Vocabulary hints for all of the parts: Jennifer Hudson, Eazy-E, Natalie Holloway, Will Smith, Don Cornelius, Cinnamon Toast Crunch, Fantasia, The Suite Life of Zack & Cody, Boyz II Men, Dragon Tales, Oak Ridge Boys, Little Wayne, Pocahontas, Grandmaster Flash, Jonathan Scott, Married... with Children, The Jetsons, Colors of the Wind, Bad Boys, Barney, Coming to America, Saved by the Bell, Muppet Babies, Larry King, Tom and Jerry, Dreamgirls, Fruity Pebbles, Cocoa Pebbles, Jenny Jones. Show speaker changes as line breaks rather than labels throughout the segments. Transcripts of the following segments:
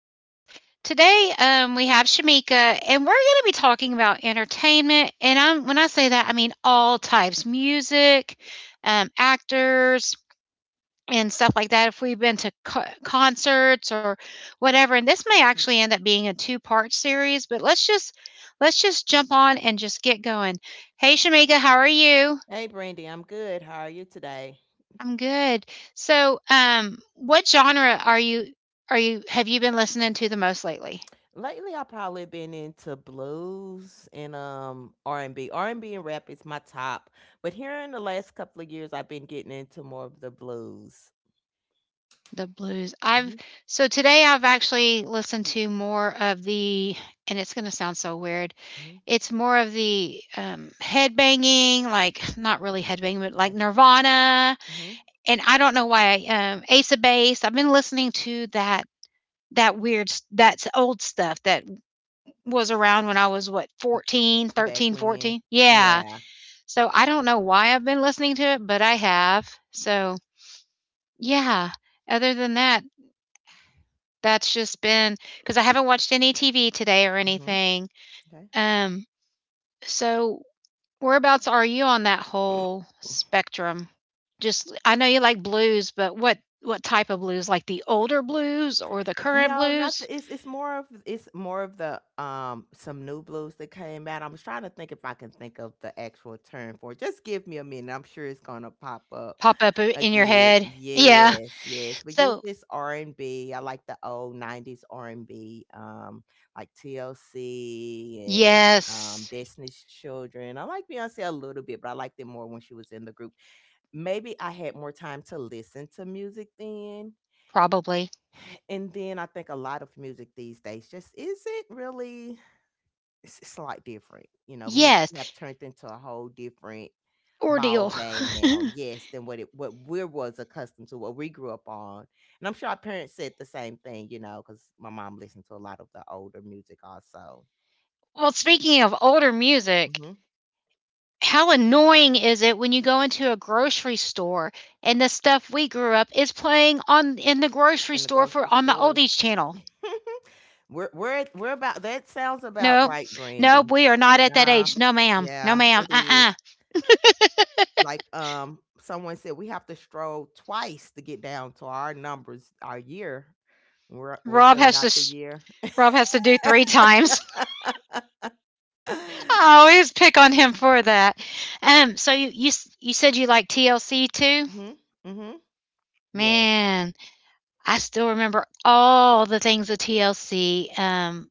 House. Today, we have Shamika, and we're going to be talking about entertainment. And when I say that, I mean all types music, actors, and stuff like that. If we've been to concerts or whatever, and this may actually end up being a two-part series, but let's just jump on and just get going. Hey, Shamika, how are you?
Hey, Brandy, I'm good. How are you today?
I'm good. So, what genre are you have you been listening to the most lately?
Lately, I've probably been into blues and R and B and rap is my top, but here in the last couple of years, I've been getting into more of the blues.
The blues. I've
Hmm
so today I've actually listened to more of the and it's going to sound so weird.
hmm
It's more of the headbanging, like not really headbanging, but like
Okay.
Nirvana.
hmm
And I don't know why Ace of Base. I've been listening to that. That's old stuff that was around when I was what
Back when,
14. Yeah.
yeah.
So, I don't know why I've been listening to it, but I have. So, yeah, other than that, that's just been because I haven't watched any TV today or
hmm
anything.
Okay.
Um, so whereabouts are you on that whole spectrum? Just I know you like blues, but what type of blues? Like the older blues or the current
No, not
blues?
the it's more of the, some new blues that came out. I was trying to think if I can think of the actual term for it. Just give me a minute, I'm sure it's gonna pop up
Pop up I in your
again.
head. Yeah.
Yes, yes, but usually
So
this r and B. I like the old 90s R&B, like TLC and,
yes,
Destiny's Children. I like Beyoncé a little bit, but I liked it more when she was in the group. Maybe I had more time to listen to music then.
probably.
And then I think a lot of music these days just isn't really it's a lot different. You know, music
Yes,
have turned into a whole different ball
ordeal.
game now, yes, than what it what we was accustomed to, what we grew up on. And I'm sure our parents said the same thing, because my mom listened to a lot of the older music also.
Well, speaking of older music,
Hmm
how annoying is it when you go into a grocery store and the stuff we grew up is playing on in the grocery
In the
store
grocery
for on the
stores.
oldies channel?
We're about that sounds about
No,
right,
no,
Brandy.
we are not at that
Nah,
age. No, ma'am. No,
yeah,
ma'am.
it is. Like, someone said we have to stroll twice to get down to our numbers, our year. We're
Rob
filling
has
out
to.
the year.
Rob has to do three times. I always pick on him for that. So you said you like TLC too?
mhm. Mhm. Yes.
Man, I still remember all the things of TLC.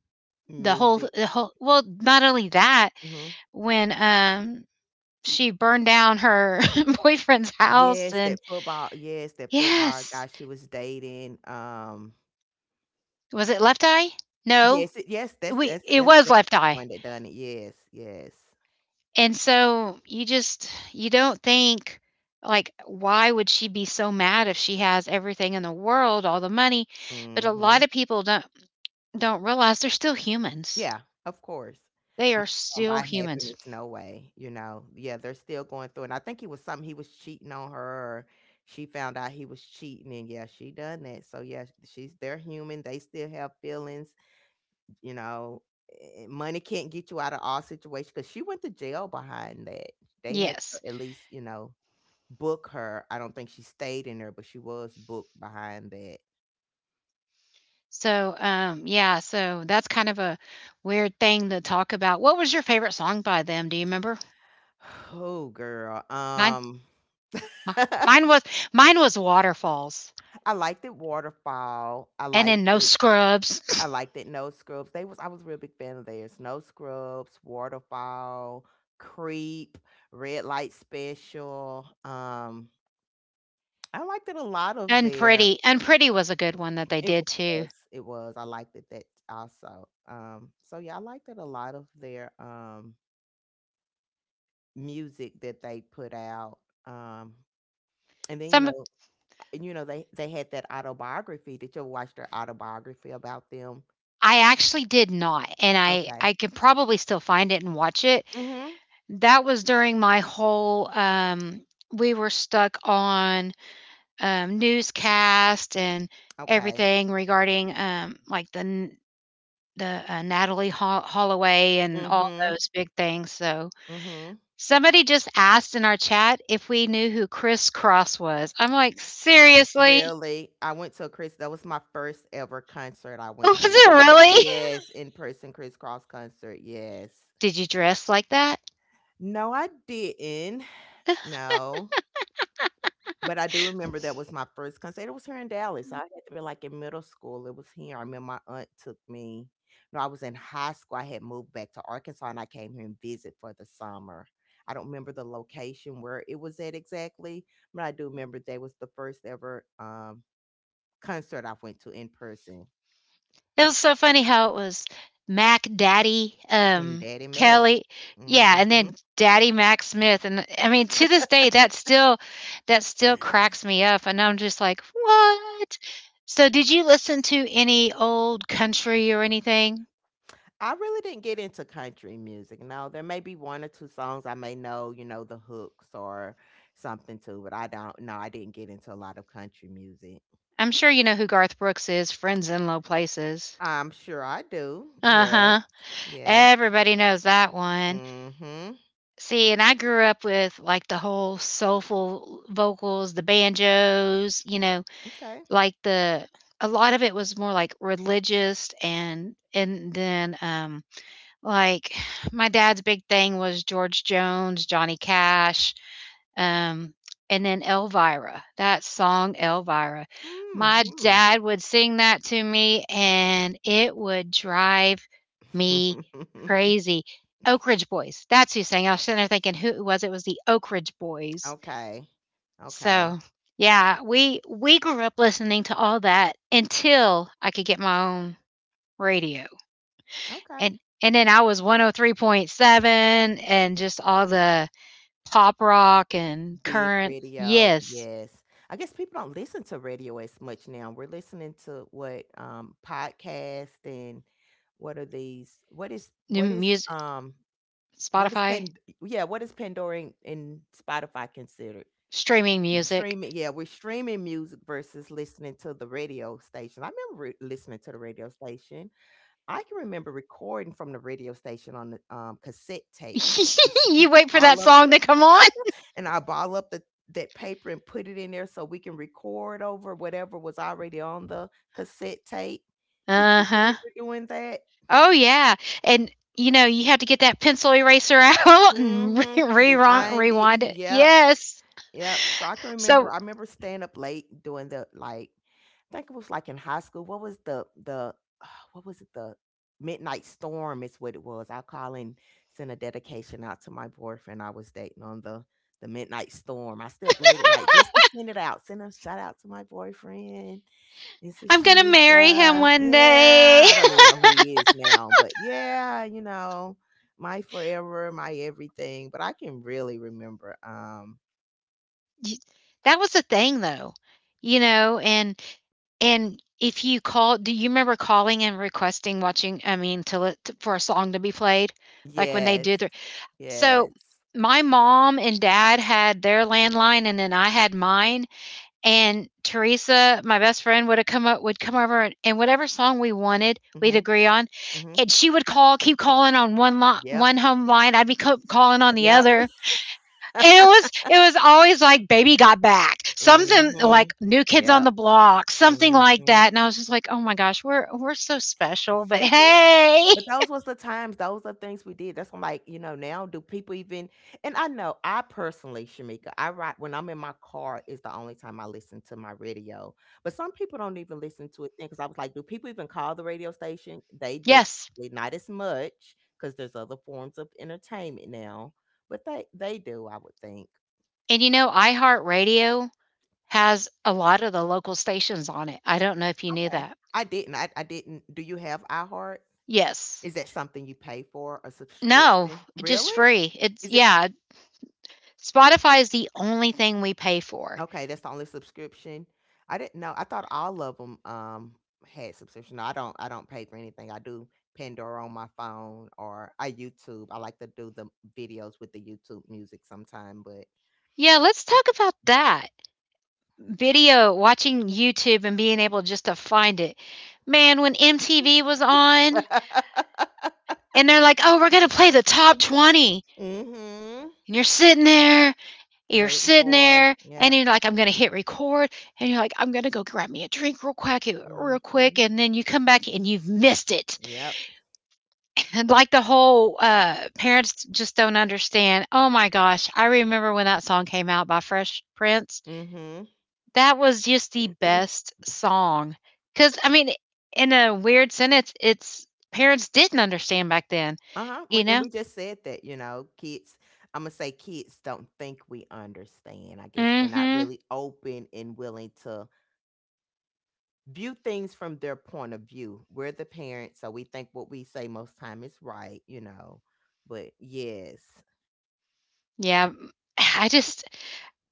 The whole
Music.
the whole well, not only that,
Mhm.
when she burned down her boyfriend's house,
Yes,
and
that football. Yes, that football
yes,
guy she was dating.
was it left eye? No,
Yes. Yes. That's
we
that's
it
that's
was
that's
left
the
eye.
one that done it. Yes. Yes.
And so you just you don't think, like, why would she be so mad if she has everything in the world, all the money, but a lot
Mhm.
of people don't realize they're still humans,
Yeah, of course.
they
Money
are
don't
still
buy
humans.
happiness, no way, you know? Yeah, they're still going through and I think it was something he was cheating on her or she found out he was cheating and yeah, she done that. So yeah, she's they're human, they still have feelings, you know. Money can't get you out of all situations because she went to jail behind that. They had
Yes.
to at least, book her. I don't think she stayed in there, but she was booked behind that.
So, yeah, so that's kind of a weird thing to talk about. What was your favorite song by them? Do you remember?
Oh girl.
mine Mi Mine was mine was waterfalls,
I liked it waterfall. I
and
liked
then no
it. I
scrubs.
liked it. No scrubs. They was. I was a real big fan of theirs. No scrubs. Waterfall. Creep. Red light special. I liked it a lot of
And
their.
Pretty was a good one that they
It
did too.
was. It was. I liked it that also. So yeah, I liked it a lot of their music that they put out. Um, and then
Some
you know they had that autobiography. Did you ever watch their autobiography about them?
I actually did not, and I
Okay.
I could probably still find it and watch it. That was during my whole, we were stuck on, newscast and
Okay.
everything regarding, like, the, Natalie Hol Holloway
mm
and all
Mhm.
those big things, so
mm Mhm.
somebody just asked in our chat if we knew who Criss Cross was. I'm like, seriously?
Really, I went to a Chris. That was my first ever concert I went
Was
to was
it
a Chris.
really?
Yes, in person crisscross concert. Yes.
Did you dress like that?
No, I didn't. No, but I do remember that was my first concert. It was here in Dallas. I had to be like in middle school. It was here. I remember my aunt took me. No, I was in high school. I had moved back to Arkansas and I came here and visit for the summer. I don't remember the location where it was at exactly, but I do remember that was the first ever concert I went to in person
It was so funny how it was Mac Daddy,
in Daddy Mac.
Kelly, yeah, and
Mhm.
then Daddy Mac Smith. And I mean, to this day, that still cracks me up. And I'm just like, what? So did you listen to any old country or anything?
I really didn't get into country music. No, there may be one or two songs I may know, the hooks or something too, but I don't. No, I didn't get into a lot of country music.
I'm sure you know who Garth Brooks is, Friends in Low Places.
I'm sure I do. Yes.
Uh-huh.
Yes.
Everybody knows that one.
Mm-hmm.
See, and I grew up with like the whole soulful vocals, the banjos, you know,
Okay.
like the a lot of it was more like religious, and then like my dad's big thing was George Jones, Johnny Cash, um, and then Elvira, that song Elvira. My
Mm-hmm.
dad would sing that to me and it would drive me crazy. Oak Ridge Boys, that's who sang. I was sitting there thinking who it was. It was the Oak Ridge Boys.
Okay. Okay.
So yeah, we grew up listening to all that until I could get my own radio.
Okay.
And then I was 103.7 and just all the pop rock and
Big
current.
radio,
Yes.
yes. I guess people don't listen to radio as much now. We're listening to what podcast and what are these? What is
New
what is
music.
what is
Spotify,
Pan yeah, what is Pandora and Spotify considered?
streaming music.
Streaming, yeah, we're streaming music versus listening to the radio station. I remember listening to the radio station. I can remember recording from the radio station on the cassette tapes. Used to
You
put
wait for that
ball up
song
the
to come on?
and I ball up the that paper and put it in there so we can record over whatever was already on the cassette tape. Did you
Uh-huh.
remember doing that?
Oh yeah. And you know, you have to get that pencil eraser out and
Mm-hmm. Rewind it.
rewind it.
Yep.
Yes.
Yep. So I can remember
So,
I remember staying up late doing the like I think it was like in high school. What was the what was it? The midnight storm is what it was. I call and send a dedication out to my boyfriend I was dating on the midnight storm. I stay up late at night just to send it out. Send a shout out to my boyfriend. This is
I'm going to marry him
Shamika.
one
Yeah.
day.
I don't even know who he is now, but yeah, my forever, my everything. But I can really remember.
Y- that was the thing, though. You know, and if you call, do you remember calling and requesting watching I mean to, li- to for a song to be played? Like when they
Yes,
do the. So
yes.
my mom and dad had their landline, and then I had mine, and Teresa, my best friend, would have come up would come over, and whatever song we wanted, we'd
Mhm,
agree on.
mhm.
And she would call, keep calling on one line,
Yep,
one home line. I'd be calling on the
yep.
other. And it was always like baby got back. Something like
Mhm.
new kids on
Yep.
the block, something like
Mhm.
that. And I was just like, "Oh my gosh, we're so special." But hey.
But those was the times, those are things we did. That's why I'm like, now do people even and I know I personally, Shamika, I write when I'm in my car is the only time I listen to my radio. But some people don't even listen to it then because I was like, do people even call the radio station? They do.
Yes.
Not as much because there's other forms of entertainment now, but they do, I would think.
And you know, iHeartRadio has a lot of the local stations on it. I don't know if you knew
Okay.
that.
I didn't. I didn't. Do you have iHeart?
Yes.
Is that something you pay for a
No,
subscription?
just
Really?
free. It's
Is it
yeah, Spotify is the only thing we pay for.
okay? That's the only subscription. I didn't know. I thought all of them had subscription. No, I don't. I don't pay for anything. I do Pandora on my phone or I YouTube. I like to do the videos with the YouTube music sometime, but.
Yeah, let's talk about that. Video, watching YouTube and being able just to find it. Man, when MTV was on and they're like, "Oh, we're going to play the top twenty."
mm-hmm.
And you're
Waiting
sitting
for.
there and
Yep.
you're like, I'm going to hit record. And you're like, I'm going to go grab me a drink real quick, real
Mm-hmm.
quick. And then you come back and you've missed it.
Yep.
And like the whole parents just don't understand. Oh my gosh. I remember when that song came out by Fresh Prince.
Mm-hmm.
That was just the best song. Because, I mean, in a weird sentence, it's parents didn't understand back then,
Uh-huh. We,
you
and
know?
we just said that, kids, I'm gonna say kids don't think we understand. I guess
Mm
we're not
hmm.
really open and willing to view things from their point of view. We're the parents, so we think what we say most time is right. But yes.
Yeah. I just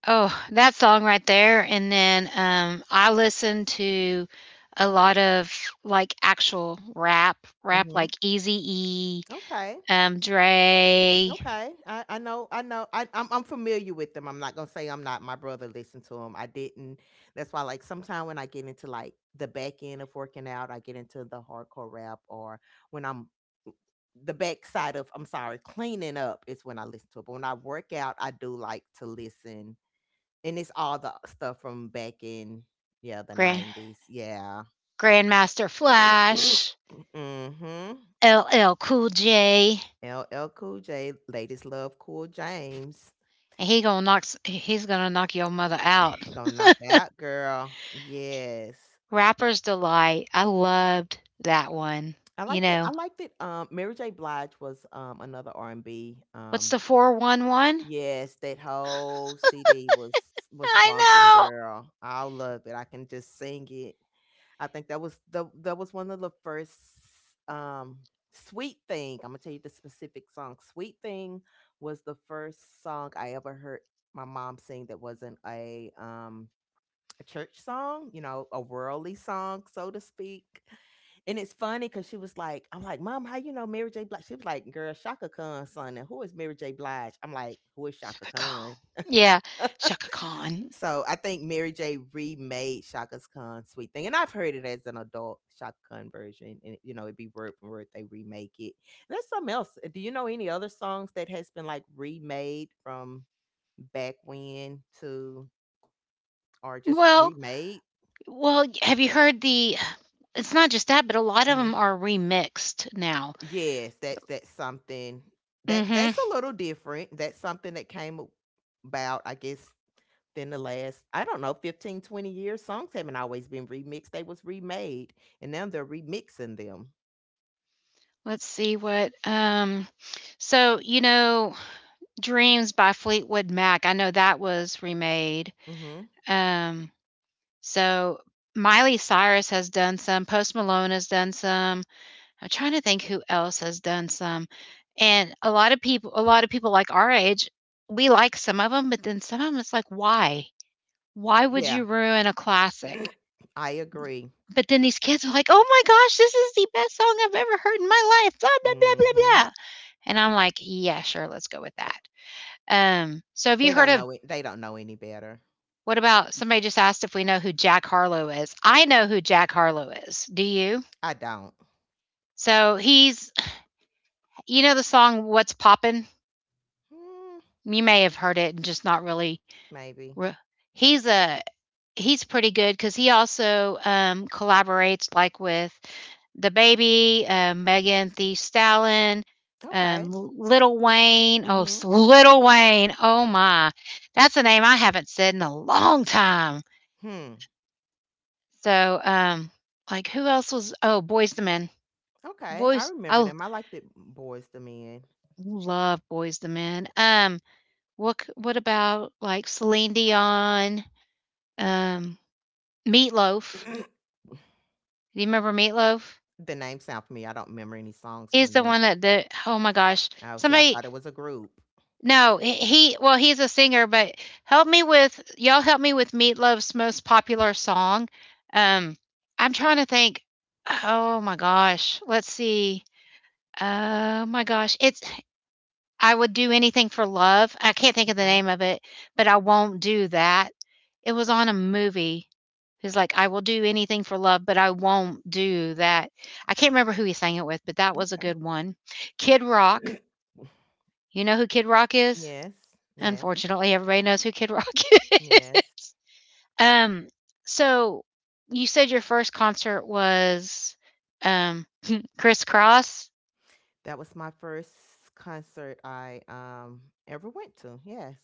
oh, that song right there, and then, I listen to a lot of, like, actual rap
Mm-hmm.
like Eazy-E,
Okay.
Dre,
Okay, I know, I know, I'm familiar with them. I'm not gonna say I'm not. My brother listened to them. I didn't. That's why, like, sometimes when I get into like the back end of working out, I get into the hardcore rap, or when I'm the back side of, I'm sorry, cleaning up is when I listen to it. But when I work out, I do like to listen, and it's all the stuff from back in, yeah, the
Grand
'90s, yeah.
Grandmaster Flash,
mm-hmm.
LL Cool J,
LL Cool J, ladies love Cool James.
and he's gonna knock your mother out.
Gonna knock it out, girl. Yes.
Rapper's Delight, I loved that one,
I
you
like that. I
know?
like that. Mary J. Blige was another R and B.
What's the 411?
Yes, that whole CD was
I
bumping,
know!
girl. I love it. I can just sing it. I think that was one of the first um Sweet Thing. I'm gonna tell you the specific song. Sweet Thing was the first song I ever heard my mom sing that wasn't a church song, a worldly song, so to speak. And it's funny because she was like, I'm like, Mom, how you know Mary J. Blige? She was like, Girl, Shaka Khan, son. And who is Mary J. Blige? I'm like, Who is Shaka
Chaka Khan.
Khan?
Yeah, Chaka Khan.
So I think Mary J. remade Shaka Khan's Sweet Thing. And I've heard it as an adult Shaka Khan version. And it'd be word for word, they remake it. And there's something else. Do you know any other songs that has been like remade from back when to, or just
Well
remade?
Well, have you heard the it's not just that, but a lot of
Mm-hmm.
them are remixed now.
Yes, that's something that
Mhm.
that's a little different. That's something that came about, I guess, in the last, I don't know, 15, 20 years. Songs haven't always been remixed. They was remade and now they're remixing them.
Let's see what, so, you know, Dreams by Fleetwood Mac, I know that was remade.
Hmm
Um, so Miley Cyrus has done some, Post Malone has done some. I'm trying to think who else has done some, and a lot of people like our age, we like some of them, but then some of them, it's like, "Why? Why would
Yeah.
you ruin a classic?"
I agree.
But then these kids were like, "Oh my gosh, this is the best song I've ever heard in my life." Blah, blah, blah, blah,
Hmm
blah. And I'm like, "Yeah, sure, let's go with that." So have
They
you heard
don't
of
know it. They don't know any better.
what about somebody just asked if we know who Jack Harlow is? I know who Jack Harlow is. Do you?
I don't.
So he's you know the song What's Poppin'?
Hmm,
You may have heard it and just not really
maybe.
re- he's a he's pretty good because he also collaborates like with the baby, Megan Thee Stallion,
Okay.
Little Wayne.
hmm
Little Wayne. Oh my, that's a name I haven't said in a long time.
Hmm.
So, like who else was? Oh, Boys the Men.
Okay. I
Boys. I
remember
l-
them. I like the boys to men.
love Boys the Men. What about like Celine Dion? Um, Meatloaf. Do you remember Meatloaf?
The name sound familiar, I don't remember any songs
He's
from
the
them.
one that the oh my gosh.
Oh, see, I
Somebody,
thought it was a group.
no, well he's a singer, but help me with y'all help me with Meatloaf's most popular song. Um I'm trying to think. Oh my gosh. Let's see. Oh my gosh. It's I would do anything for love. I can't think of the
Okay,
name of it, but I won't do that. It was on a movie. He's like, I will do anything for love, but I won't do that. I can't remember who he sang it with, but that was a
okay.
good one. Kid Rock. You know who Kid Rock is?
Yes, yes,
Unfortunately, everybody knows who Kid Rock is.
yes.
Um, so you said your first concert was um Criss Cross.
That was my first concert I, ever went to, yes.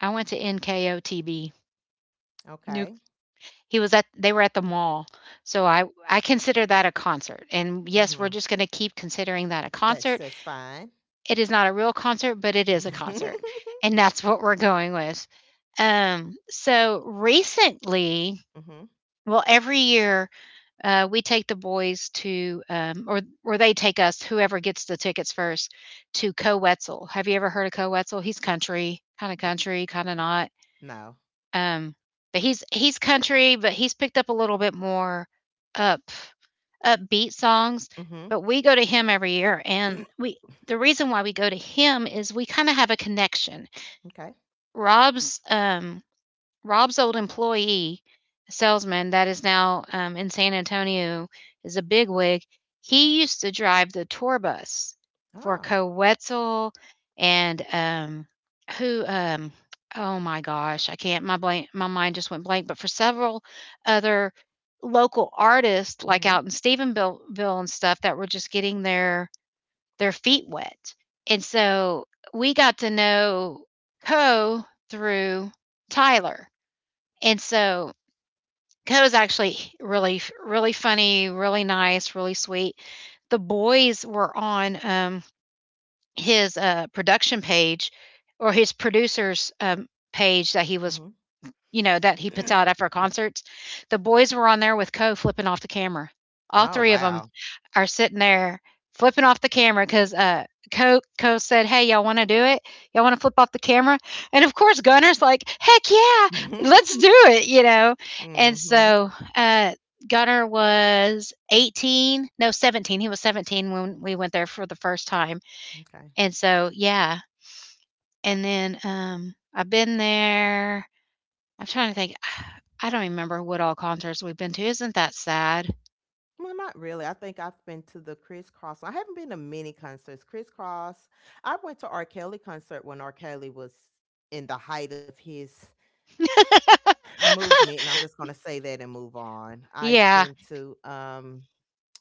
I went to NKOTB. Nuke.
Okay.
He was at they were at the mall. So I consider that a concert. And yes, we're
Mhm.
just going to keep considering that a
That's
concert.
that's fine.
It is not a real concert, but it is a concert.
Mhm.
And that's what we're going with. So recently, well every year we take the boys to, or they take us, whoever gets the tickets first, to Co Wetzel. Have you ever heard of Co Wetzel? He's country, kind of not.
No.
Um, but he's country, but he's picked up a little bit more up upbeat songs.
Mhm.
But we go to him every year, and we the reason why we go to him is we kind of have a connection.
Okay.
Rob's um, Rob's old employee, a salesman that is now in San Antonio, is a bigwig. He used to drive the tour bus for
Oh.
Coetzel and who? Oh my gosh, I can't. My mind just went blank. But for several other local artists, like
Mhm.
out in Stephenville and stuff, that were just getting their feet wet, and so we got to know Co through Tyler, and so Ko was actually really, really funny, really nice, really sweet. The boys were on his production page or his producer's page that he was,
Mhm.
you know, that he puts out after concerts. The boys were on there with Ko flipping off the camera. All
Oh,
three of them
wow.
are sitting there flipping off the camera because Co said, "Hey, y'all want to do it? Y'all want to flip off the camera?" And of course, Gunner's like, "Heck yeah, let's do it!" You know. And
Mhm.
so uh, Gunner was 18, no 17. He was 17 when we went there for the first time.
Okay.
And so yeah, and then I've been there. I'm trying to think. I don't even remember what all concerts we've been to. Isn't that sad?
Well, not really. I think I've been to the Criss Cross. I haven't been to many concerts. Criss Cross. I went to R. Kelly concert when R. Kelly was in the height of his movement, and I'm just gonna say that and move on. I've
yeah.
been to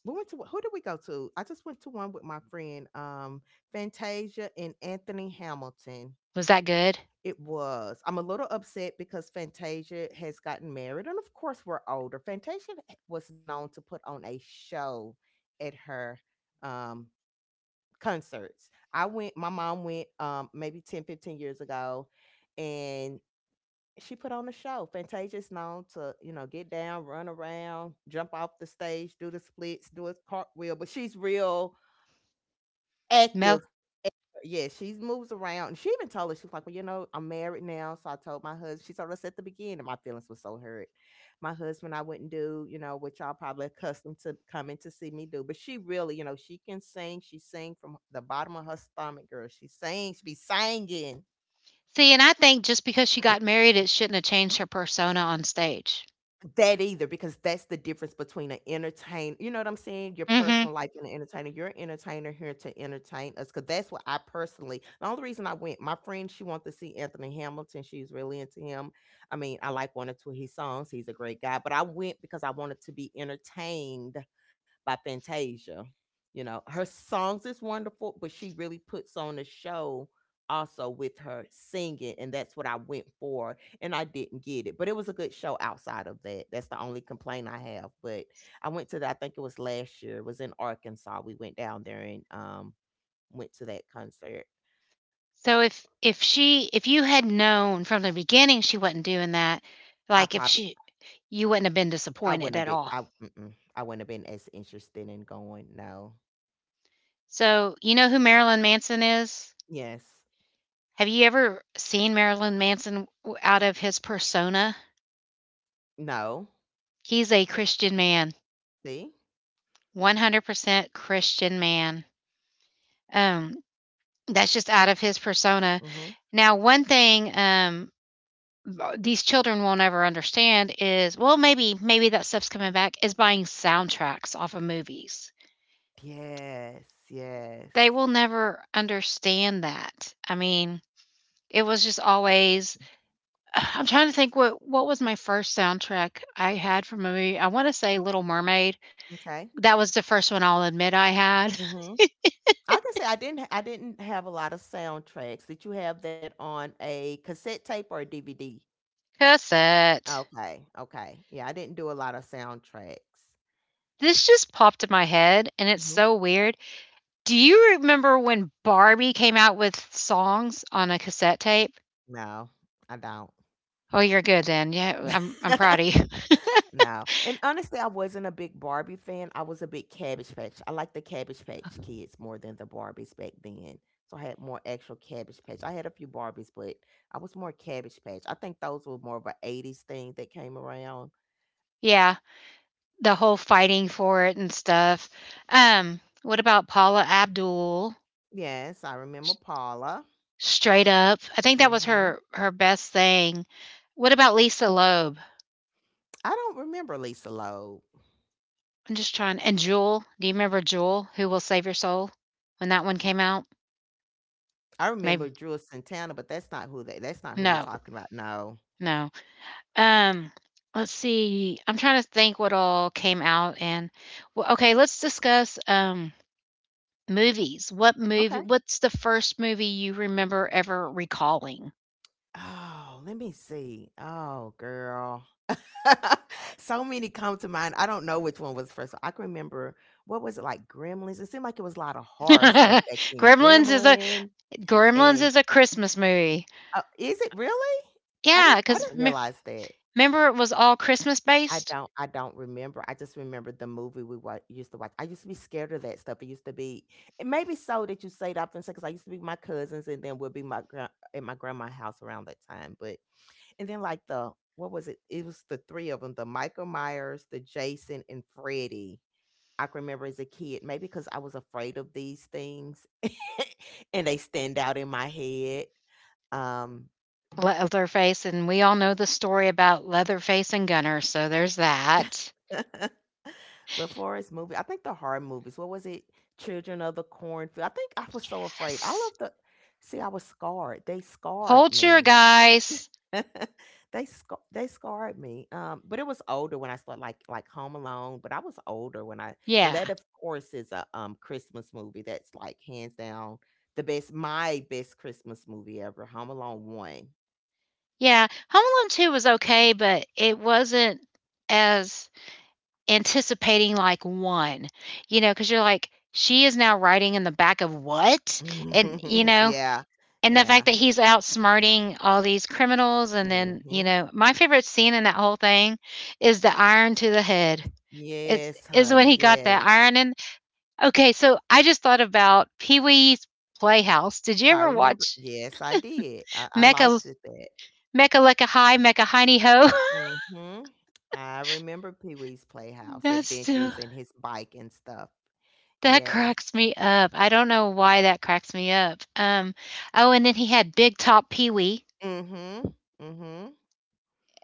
we went to who did we go to? I just went to one with my friend Fantasia and Anthony Hamilton.
Was that good?
It was. I'm a little upset because Fantasia has gotten married, and of course, we're older. Fantasia was known to put on a show at her um, concerts. I went, my mom went maybe 10, 15 years ago, and she put on a show. Fantasia's known to, you know, get down, run around, jump off the stage, do the splits, do a cartwheel, but she's real
Mel,
active, yeah, she's moves around. And she even told us, she was like, well, you know, I'm married now. So I told my husband, she told us at the beginning, my feelings were so hurt. My husband, I wouldn't do, you know, which y'all probably accustomed to coming to see me do. But she really, you know, she can sing. She sing from the bottom of her stomach, girl. She sings, she be singing.
see, and I think just because she got married, it shouldn't have changed her persona on stage.
That either, because that's the difference between an entertainer. You know what I'm saying? Your
Mhm.
personal life and an entertainer. You're an entertainer here to entertain us, because that's what I personally the only reason I went, my friend, she wanted to see Anthony Hamilton. She's really into him. I mean, I like one or two of his songs. He's a great guy. But I went because I wanted to be entertained by Fantasia. You know, her songs is wonderful, but she really puts on a show also with her singing, and that's what I went for and I didn't get it. But it was a good show outside of that. That's the only complaint I have. But I went to that, I think it was last year. It was in Arkansas. We went down there and went to that concert.
So if she, if you had known from the beginning she wasn't doing that,
I
like, if
probably
she you wouldn't have been
I
disappointed
wouldn't have
at
been
all.
I mm-mm, I wouldn't have been as interested in going. No.
So, you know who Marilyn Manson is?
Yes.
Have you ever seen Marilyn Manson w out of his persona?
No.
He's a Christian man,
See?
100% Christian man. Um, that's just out of his persona.
Mhm.
Now, one thing, these children won't ever understand is well maybe that stuff's coming back is buying soundtracks off of movies.
Yes. Yes.
They will never understand that. I mean, it was just always I'm trying to think what was my first soundtrack I had from a movie. I want to say Little Mermaid.
Okay.
That was the first one I'll admit I had.
Mm-hmm. I can say I didn't have a lot of soundtracks. Did you have that on a cassette tape or a DVD?
cassette.
Okay, okay. Yeah, I didn't do a lot of soundtracks.
This just popped in my head and it's
Mhm.
so weird. Do you remember when Barbie came out with songs on a cassette tape?
No, I don't.
Oh, you're good then. Yeah, I'm proud of you.
no. And honestly, I wasn't a big Barbie fan. I was a big Cabbage Patch. I liked the Cabbage Patch kids more than the Barbies back then. So I had more actual Cabbage Patch. I had a few Barbies, but I was more Cabbage Patch. I think those were more of an 80s thing that came around.
Yeah, the whole fighting for it and stuff. What about Paula Abdul?
Yes, I remember
S-
Paula.
Straight up, I think that was
Hmm.
her best thing. What about Lisa Loeb?
I don't remember Lisa Loeb.
I'm just trying. And Jewel, do you remember Jewel? Who will save your soul? When that one came out,
I remember
maybe
Drew Santana, but that's not who they, that's not who you're
no,
talking about. No.
no. Um, let's see. I'm trying to think what all came out, and well, okay. Let's discuss. Um, movies.
Okay.
What's the first movie you remember ever recalling?
Oh, let me see. Oh, girl. So many come to mind. I don't know which one was first. I can remember, what was it, like, Gremlins? It seemed like it was a lot of horror stuff back then.
Gremlins is a
Gremlin and
Christmas movie.
is it really?
Yeah,
I
because
didn't
remember
realize that.
it was all Christmas based?
I don't remember. I just remember the movie we wa used to watch. I used to be scared of that stuff. It used to be and maybe so that you say it often because I used to be with my cousins and then we'll be my gran at my grandma's house around that time, but and then like the what was it? It was the three of them: the Michael Myers, the Jason, and Freddy. I can remember as a kid, maybe because I was afraid of these things, and they stand out in my head. Um,
Leatherface, and we all know the story about Leatherface and Gunner, so there's that.
but for his movie, I think the horror movies. What was it? Children of the Cornfield. I think I was so afraid. I
Yes.
love the. See, I was scarred. They scarred me.
Poltergeist.
they sc they scarred me. But it was older when I saw like Home Alone. But I was older when I and that
Yeah,
of course is a Christmas movie that's like hands down the best my best Christmas movie ever. Home Alone one.
yeah. Home Alone 2 was okay, but it wasn't as anticipating, like, 1, you know, because 'cause you're like, "She is now riding in the back of what?" And, you know,
yeah,
and the fact
yeah.
that he's outsmarting all these criminals and then, you
Hmm.
know, my favorite scene in that whole thing is the iron to the head. It's
Yes,
is when
honey.
he got that
Yes,
iron in okay, so I just thought about Pee-wee's Playhouse. Did you
I
ever
remember.
watch
Yes, I did. I
Mecha
liked it that.
Mecha Lecca high Mecha Hiney Ho?
Hmm. I remember Pee Wee's Playhouse
That's still
adventures and his bike and stuff.
That
Yes.
cracks me up. I don't know why that cracks me up. Oh, and then he had Big Top Pee Wee
Mhm. Mhm.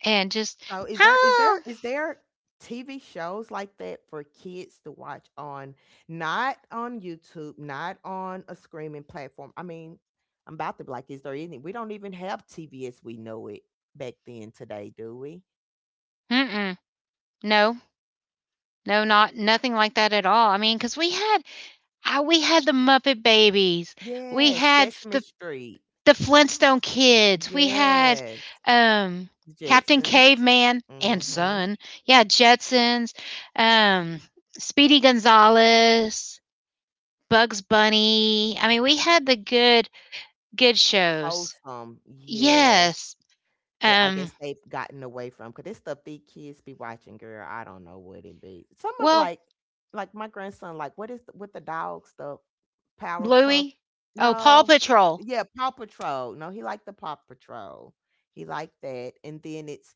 and just,
So is there is there
oh,
is there TV shows like that for kids to watch on not on YouTube, not on a streaming platform? I mean, I'm about to be like, is there any? We don't even have TV as we know it back then today, do we?
mm-mm, no, no, not nothing like that at all. I mean, because we had, ah, we had the Muppet Babies, we
Yes,
had
Sesame
the
Street.
the Flintstone Kids, we had
Yes,
um, Captain
Jetsons.
Caveman and
Mhm.
Son, yeah, Jetsons, um, Speedy Gonzales, Bugs Bunny. I mean, we had the good good shows.
Wholesome. Yes.
Yes.
That I
Um,
guess they've gotten away from because this stuff these kids be watching, girl, I don't know what it be. Some of
well,
like my grandson, like, what is the with the dog stuff? Powerpuff,
Bluey. Oh, Paw
no.
Patrol.
Yeah, Paw Patrol. No, he liked the Paw Patrol. He liked that, and then it's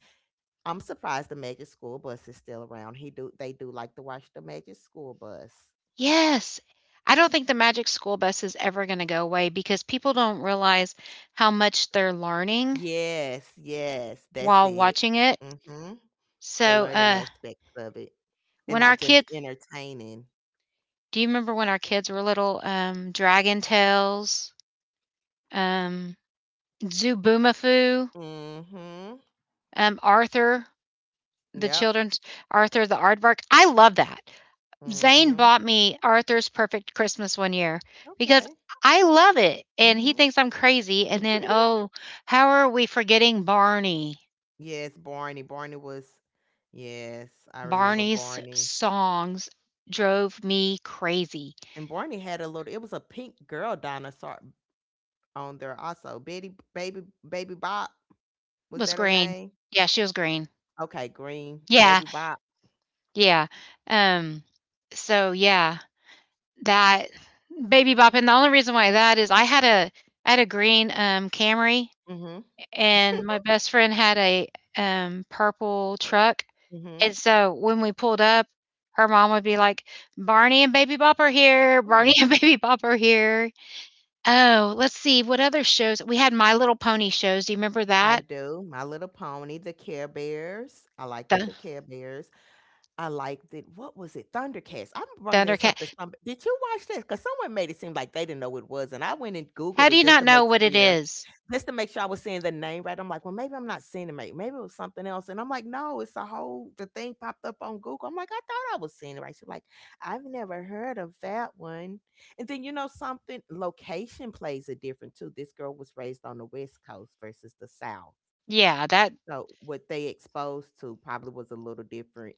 I'm surprised the Magic School Bus is still around. He do they do like to watch the Magic School Bus.
Yes. I don't think the Magic School Bus is ever going to go away because people don't realize how much they're learning
Yes, yes, that's
while
it.
watching it.
Mhm. The
So,
learning
uh,
aspects of it, and
when our
not just
kids,
entertaining.
do you remember when our kids were little, Dragon Tales, um, Zooboomafu,
Mhm.
Arthur, the
Yep.
children's Arthur the Aardvark? I love that. Zane
Mhm.
bought me Arthur's Perfect Christmas one year because
Okay.
I love it and he
Mhm.
thinks I'm crazy. And then, oh, how are we forgetting Barney?
yes, Barney. Barney was. Yes, I remember
Barney's
Barney.
songs drove me crazy.
And Barney had a little. It was a pink girl dinosaur on there also. Betty, baby, baby Bob. Was
Was
that her
green.
name?
Yeah, she was green.
Okay, green
Yeah,
baby Bob.
yeah. Um, so yeah, that Baby Bop, and the only reason why that is I had a green Camry,
Mhm.
and my best friend had a purple truck.
Mhm.
And so when we pulled up, her mom would be like, Barney and Baby Bop are here. Barney and Baby Bop are here. Oh, let's see what other shows. We had My Little Pony shows. Do you remember
I
that?
do. My Little Pony, the Care Bears. I liked it,
The
the Care Bears. I liked it. What was it? Thundercats. I brung this up to
Thundercat.
some. Did you watch this? Because someone made it seem like they didn't know what it was, and I went and
How
googled
do
it
you
just
not
to
know
make
what it
sure,
is?
just to make sure I was saying the name right. I'm like, well, maybe I'm not seeing it. Maybe it was something else. And I'm like, no, it's a whole. The thing popped up on Google. I'm like, I thought I was seeing it right. She's like, I've never heard of that one. And then you know something, location plays a different too. This girl was raised on the West Coast versus the South.
Yeah, that.
So what they exposed to probably was a little different.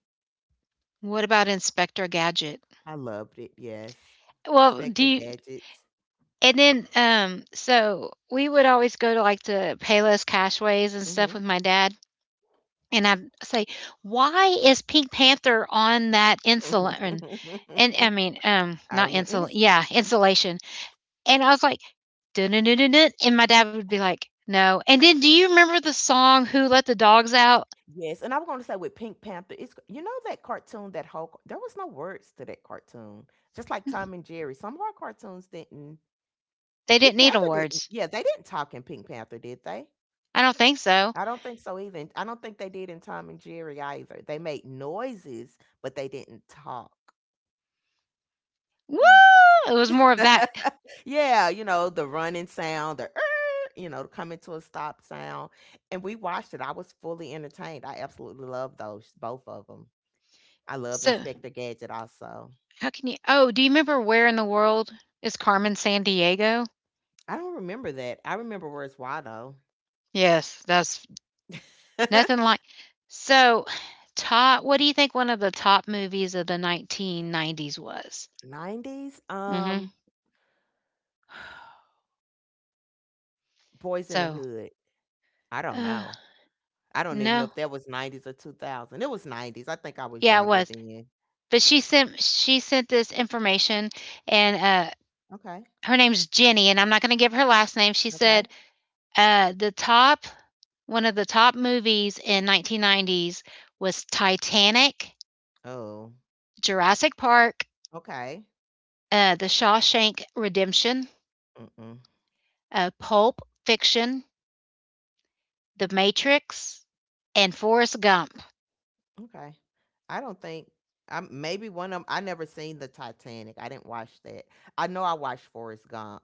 What about Inspector Gadget?
I loved it. Yes,
Well, do
Inspector
you.
Gadgets.
And then, so We would always go to like the Payless Cashways and
Hmm.
stuff with my dad. And I'd say, why is Pink Panther on that insulin And I mean,
I
not
remember, and
insul
it's
yeah, insulation, and I was like, "Dun dun dun dun dun," and my dad would be like, "No," and then do you remember the song Who Let the Dogs Out?
yes, and I was going to say with Pink Panther, it's you know that cartoon that Hulk. There was no words to that cartoon, just like Tom and Jerry. Some of our cartoons didn't.
They didn't
Pink
need 'em
Panther didn't.
words.
Yeah, they didn't talk in Pink Panther, did they?
I don't think so.
I don't think so either. And I don't think they did in Tom and Jerry either. They made noises, but they didn't talk.
Woo!
Huh.
It was more of that.
Yeah, you know, the running sound, the you know, the coming to a stop sound. And we watched it. I was fully entertained. I absolutely love those, both of them. I love
So,
Inspector Gadget also.
how can you Oh, do you remember Where in the World is Carmen Sandiego?
I don't remember that. I remember Where's Waldo.
Yes, that's nothing like So, top what do you think one of the top movies of the 1990s was?
90s?
Mhm.
Boys in the
So,
Hood. I don't
uh,
know. I don't even know
no.
if that was 90s or 2000. It was 90s. I think I was
Yeah, it
younger
was.
then.
But she sent this information, and,
Okay.
her name's Jenny, and I'm not gonna give her last name. She
Okay.
said, the top one of the top movies in 1990s was Titanic,
Oh,
Jurassic Park,
okay.
The Shawshank Redemption,
Mm-mm.
Pulp Fiction, The Matrix, and Forrest Gump.
Okay. I don't think I maybe one of 'em I never seen the Titanic. I didn't watch that. I know I watched Forrest Gump.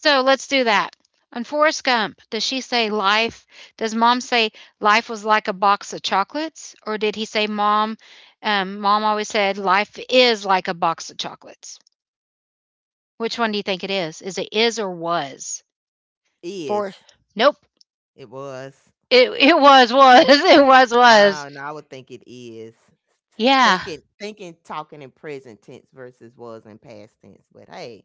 So let's do that. On Forrest Gump, does she say life? Does mom say life was like a box of chocolates? Or did he say mom? Mom always said life is like a box of chocolates. Which one do you think it is? Is it is or was? For
Is.
nope.
It was.
It was was. it was was.
Ah, no, I would think it is. T
Yeah.
thinking thinking, talking in present tense versus was in past tense, but hey,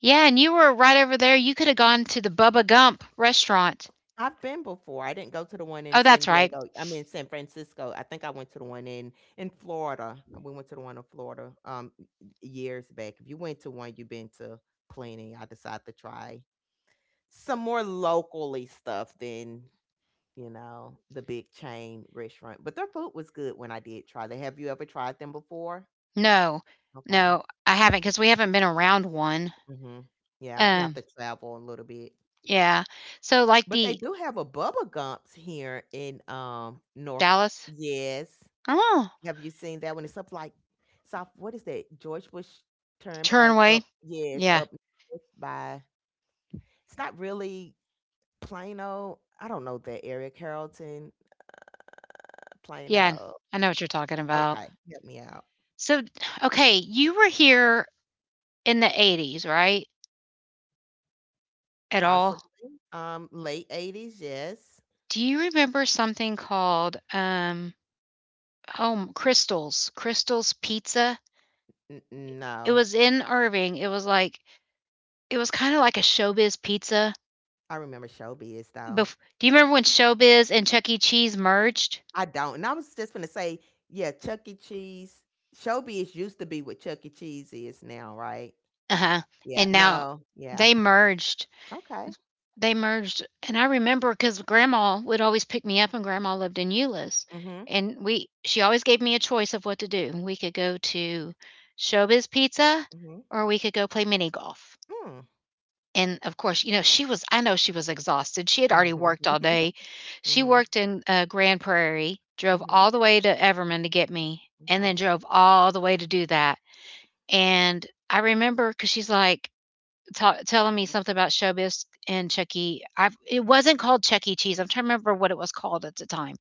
Yeah, and you were right over there. You could have gone to the Bubba Gump restaurant.
I've been before. I didn't go to the one in
Oh,
San
that's right.
Diego I am in San Francisco. I think I went to the one in Florida. We went to the one in Florida, years back. If you went to one you've been to plenty, I decide to try some more locally stuff than you know the big chain restaurant but their food was good when I did try them have you ever tried them before
No.
okay.
No, I haven't because we haven't been around one.
Hmm. Yeah, you have
Um,
to travel a little bit
yeah. So like
but they
the
do have a bubba gumps here in north
Dallas
yes
Oh,
have you seen that one it's up like south what is that george bush turnpike
Turnway.
up yes
Yeah.
up north by it's not really plano I don't know that area carrollton
Yeah.
plano.
I know what you're talking about.
Okay, help me out.
So, okay, you were here in the 80s, right? At all?
Possibly. Late 80s, yes.
Do you remember something called Crystals Pizza?
N-
It
no.
was in Irving. It was like it was kind of like a Showbiz Pizza.
I remember Showbiz though.
Do you remember when Showbiz and Chuck E. Cheese merged?
I don't. And I was just gonna say, yeah, Chuck E. Cheese. Showbiz used to be what Chuck E. Cheese is now, right?
Uh-huh.
Yeah.
And now
No. Yeah.
they merged
Okay.
They merged, and I remember because Grandma would always pick me up, and Grandma lived in Euless,
Mhm.
and we she always gave me a choice of what to do. We could go to Showbiz Pizza,
Mhm.
or we could go play mini golf.
Mm.
And of course, you know she was. I know she was exhausted. She had already worked all day.
Mhm.
She
Mhm.
worked in Grand Prairie, drove
Mhm.
all the way to Everman to get me, and then
Okay.
drove all the way to do that. And I remember because she's like, ta telling me something about Showbiz and Chuck E. I it wasn't called Chuck E. Cheese. I'm trying to remember what it was called at the time.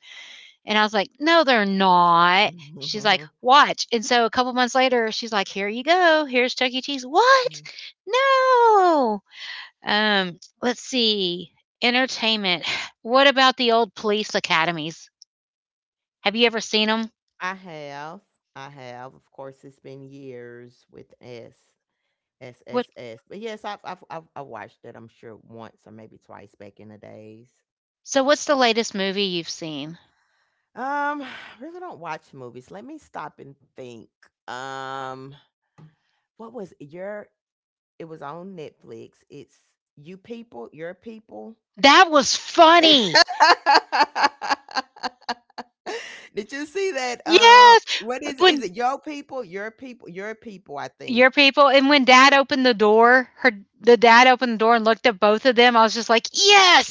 And I was like, "No, they're not." She's like,
Mhm.
"Watch." And so a couple months later, she's like, "Here you go. Here's Chuck E. Cheese." What?
Mhm.
No. Let's see. Entertainment. What about the old police academies? Have you ever seen them?
I have. I have. Of course, it's been years with S. S
What?
S S, but yes, I watched it. I'm sure once or maybe twice back in the days.
So what's the latest movie you've seen?
Um, I really don't watch movies. Let me stop and think. Um, what was your? It was on Netflix. It's your people.
That was funny.
Did you see that? Um,
Yes.
what is is
When
it? Your people, your people, your people. I think.
your people. And when dad opened the door, her the dad opened the door and looked at both of them. I was just like,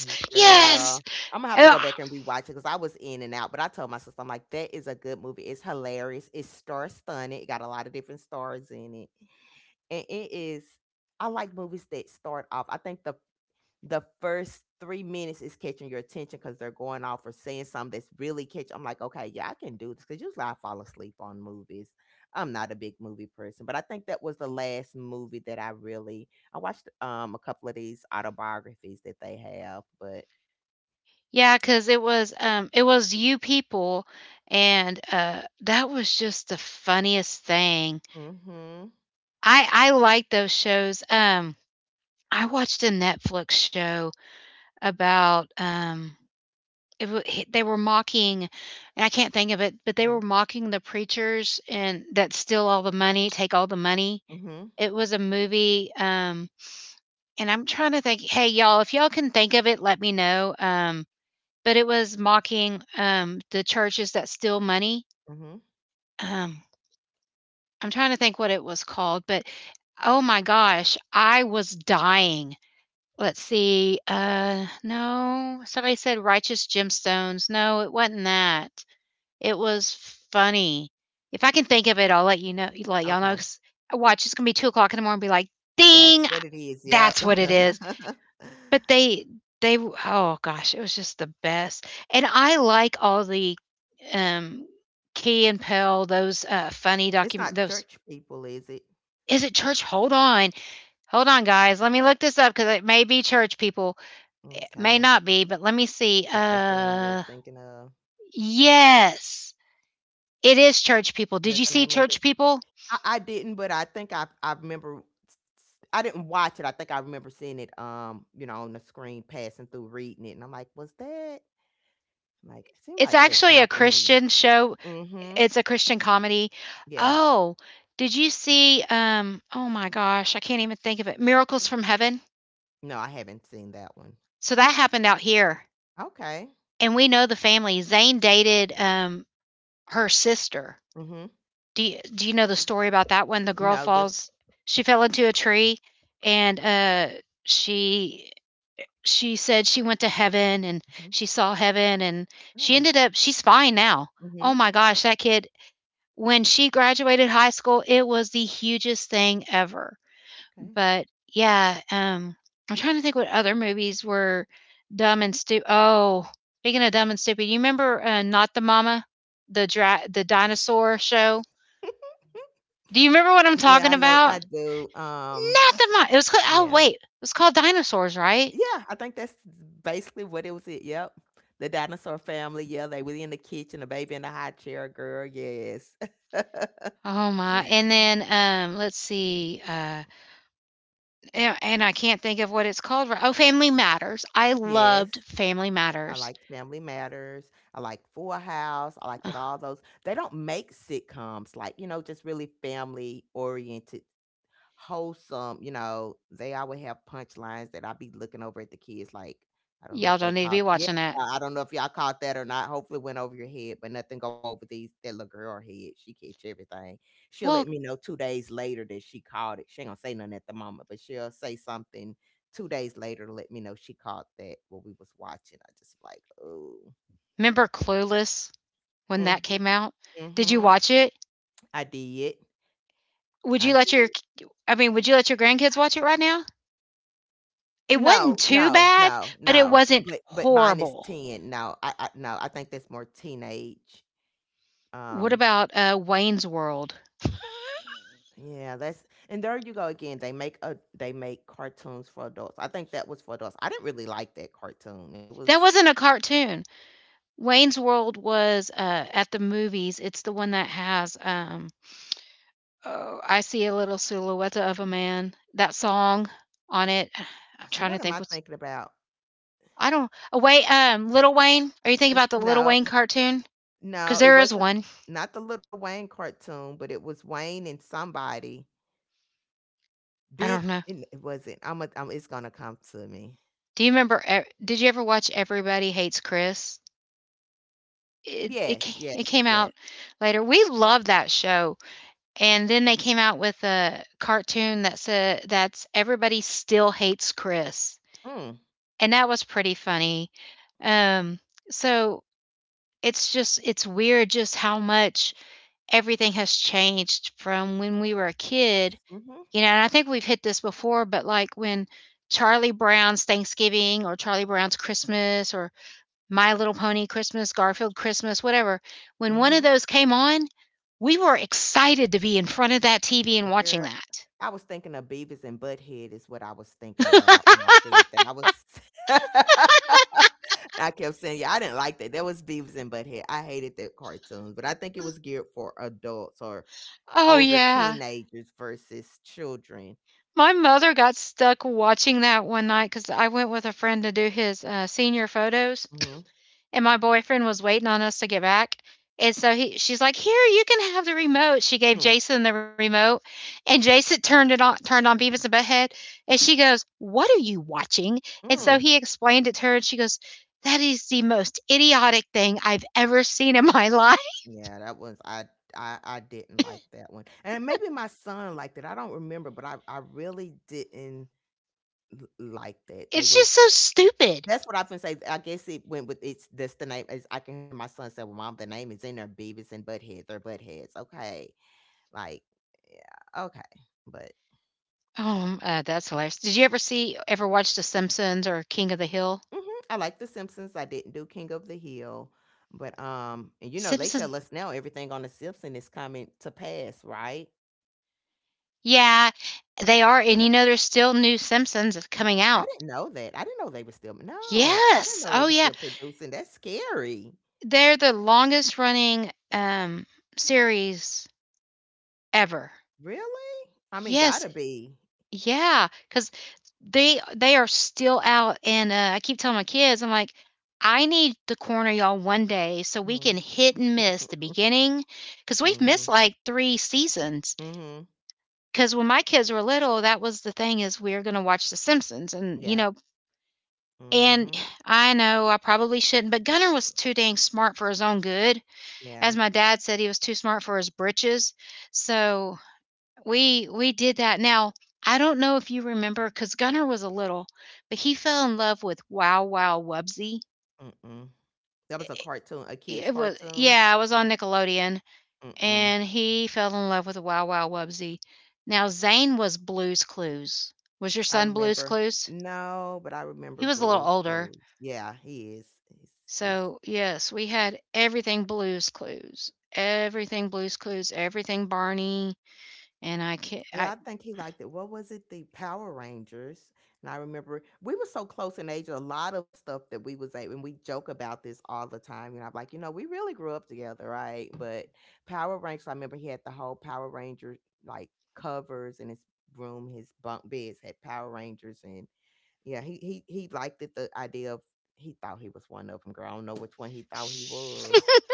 Mm.
yes,
Girl, I'm gonna have to
ugh.
go back and rewatch it because I was in and out. But I told my sister, I'm like, that is a good movie. It's hilarious. It's star stunning. It got a lot of different stars in it, and it is. I like movies that start off. I think the first 3 minutes is catching your attention because they're going off or saying something that's really catch. I'm like, okay, yeah, I can do this because usually I fall asleep on movies. I'm not a big movie person, but I think that was the last movie that I really I watched a couple of these autobiographies that they have, but.
Yeah, because it was you people, and that was just the funniest thing.
Mhm.
I like those shows. I watched a Netflix show about. They were mocking, and I can't think of it, but they were
Mhm.
mocking the preachers and that steal all the money, take all the money.
Mhm.
It was a movie, and I'm trying to think, hey, y'all, if y'all can think of it, let me know, but it was mocking, the churches that steal money.
Mhm.
Um, I'm trying to think what it was called, but oh my gosh, I was dying. Let's see, no, somebody said Righteous Gemstones. No, it wasn't that. It was funny. If I can think of it, I'll let you know let y'all know,
Okay.
'cause I watch, it's gonna be 2 o'clock in the morning, and be like,
That's
"Ding!
what it is. Yep.
That's what it is." But they oh gosh, it was just the best, and I like all the, um, Key and Peele, those, funny
It's
docu
not
those.
church people, is it?
Is it church? Hold on. Hold on, guys, let me look this up because it may be church, people. It may
Okay.
not be, but let me see,
If that's the one you're thinking of,
yes, it is Church People.
is
Did
that
you
the
see
name of
Church
it?
People?
I didn't, but I think I remember. I didn't watch it. I think I remember seeing it. You know, on the screen passing through, reading it, and I'm like, was that? I'm like, it seemed
It's
like that
actually a
sound familiar.
Christian show.
Mm-hmm.
It's a Christian comedy.
Yeah.
Oh, did you see, oh my gosh, I can't even think of it, Miracles from Heaven?
No, I haven't seen that one.
So that happened out here,
Okay.
and we know the family. Zayn dated, her sister.
Mm-hmm.
Do you know the story about that one? The girl
No, that's.
falls She fell into a tree, and, she she said she went to heaven, and
Mm-hmm.
she saw heaven, and she
Oh.
ended up she's fine now.
Mm-hmm.
Oh my gosh, that kid. When she graduated high school, it was the hugest thing ever.
Okay.
But yeah, I'm trying to think what other movies were dumb and stupid. Oh, speaking of dumb and stupid, you remember Not the Mama, the dinosaur show? Do you remember what I'm
Yeah,
talking
I know.
about?
I do.
Not the Mama, it was called. Oh
Yeah.
wait, it was called Dinosaurs, right?
Yeah, I think that's basically what it was it. Yep. The dinosaur family. Yeah, they were in the kitchen, a baby in the high chair, girl. Yes.
Oh my. And then let's see. And I can't think of what it's called. Oh, Family Matters. I
Yes.
loved Family
I
Matters.
liked Family Matters. I liked Full House. I liked that
Uh-huh.
all those. They don't make sitcoms like, you know, just really family oriented, wholesome. You know, they always have punchlines that I be looking over at the kids like, I don't know
Y'all
if they
don't need to
caught,
be
yeah,
watching that.
I don't know if y'all caught that or not. Hopefully it went over your head, but nothing go over these, that little girl head. She catch everything. She'll
Well,
let me know 2 days later that she caught it. She ain't gonna say nothing at the moment, but she'll say something 2 days later to let me know she caught that what we was watching. I just like, oh.
remember Clueless when that came out?
Hmm,
Did you
hmm.
watch it?
I did.
Would you
I
let your
did.
I mean, would you let your grandkids watch it right now? It
No,
wasn't too
no,
bad,
no,
but it
no,
wasn't
but mine is
horrible.
10. No, I no, I think that's more teenage.
What
Um,
about, Wayne's World?
yeah, that's, and there you go again, they make a, they make cartoons for adults. I think that was for adults. I didn't really like that cartoon. It
That
was,
wasn't a cartoon. Wayne's World was, at the movies. It's the one that has, oh, I see a little silhouette of a man, that song on it. I'm trying
what
to
am I
think what's.
thinking about?
I don't. Oh, wait, Little Wayne. Are you thinking
N
about the Little
No,
Wayne cartoon? Because
no, it
there is
wasn't
one.
not the Little Wayne cartoon, but it was Wayne and somebody,
I
Ben,
don't know.
and it wasn't, Imma it's gonna come to me.
Do you remember? Did you ever watch Everybody Hates Chris?
Yes, yes,
It came
yes.
out later. We loved that show, and then they came out with a cartoon that said that's Everybody Still Hates Chris,
Mm,
and that was pretty funny. Um, so it's just it's weird just how much everything has changed from when we were a kid.
mhm,
You know, and I think we've hit this before, but like when Charlie Brown's Thanksgiving or Charlie Brown's Christmas or My Little Pony Christmas, Garfield Christmas, whatever, when one of
mhm.
those came on, we were excited to be in front of that TV and watching
Girl, I was thinking of Beavis and Butthead is what I was thinking about when I
that.
said that. I was I kept saying, yeah, I didn't like that. That was Beavis and Butthead. I hated that cartoon, but I think it was geared for adults or
Oh,
older
yeah.
teenagers versus children.
My mother got stuck watching that one night because I went with a friend to do his senior photos,
Mhm.
and my boyfriend was waiting on us to get back. And so she's like, "Here, you can have the remote." She gave
Hmm.
Jason the remote, and Jason turned it on, turned on Beavis and Butthead, and she goes, "What are you watching?" And so
Mm.
he explained it to her, and she goes, "That is the most idiotic thing I've ever seen in my life.
Yeah, that was I, didn't like that one. And maybe my son liked it. I don't remember, but I really didn't like that. They
It's
was.
just so stupid."
That's what I have been saying. I guess it went with, it's that's the name is, I can hear my son say, well, mom, the name is in there, Beavis and Butthead. They're Buttheads. Okay. Like, yeah, okay. But
Oh, that's hilarious. Did you ever see, ever watch The Simpsons or King of the Hill?
mhm, I like The Simpsons. I didn't do King of the Hill. But and you know, they
Simpsons.
tell us now everything on The Simpsons is coming to pass, right?
Yeah, they are, and you know, there's still new Simpsons coming
I
out.
didn't know that. I didn't know they were still, no, I didn't
Yes!
know they
Oh,
were
yeah.
still producing. That's scary.
They're the longest running, series ever.
Really? I mean,
Yes,
gotta be.
yeah. Cause they are still out, and, I keep telling my kids, I'm like, "I need to corner y'all one day so we
Mm.
can hit and miss the beginning, because 'cause we've missed,
Mhm.
like, 3 seasons.
Mhm.
Cause when my kids were little, that was the thing, is we're gonna watch The Simpsons, and you
Yeah.
know, and
Mhm.
I know I probably shouldn't, but Gunner was too dang smart for his own good.
Yeah.
As my dad said, he was too smart for his britches. So we did that. Now I don't know if you remember because Gunnar was a little, but he fell in love with Wow Wow Wubsy.
Mm-mm. That was a cartoon, a kid's
It was
cartoon.
yeah, I was on Nickelodeon,
Mm-mm.
and he fell in love with Wow Wow Wubsy. Now Zane was Blue's Clues. Was your
I
son Blue's
remember.
Clues?
No, but I remember
He was a little
Blue's
older.
Clues. Yeah, he is. He's, he's.
So yes, we had everything Blue's Clues, everything Blue's Clues, everything Barney, and I can
Yeah,
I
I think he liked it. What was it? The Power Rangers. And I remember we were so close in age. A lot of stuff that we was at, and we joke about this all the time. And I'm like, you know, we really grew up together, right? But Power Rangers. I remember he had the whole Power Ranger like covers in his room. His bunk beds had Power Rangers and yeah, he liked it. The idea of, he thought he was one of them. Girl, I don't know which one he thought he was.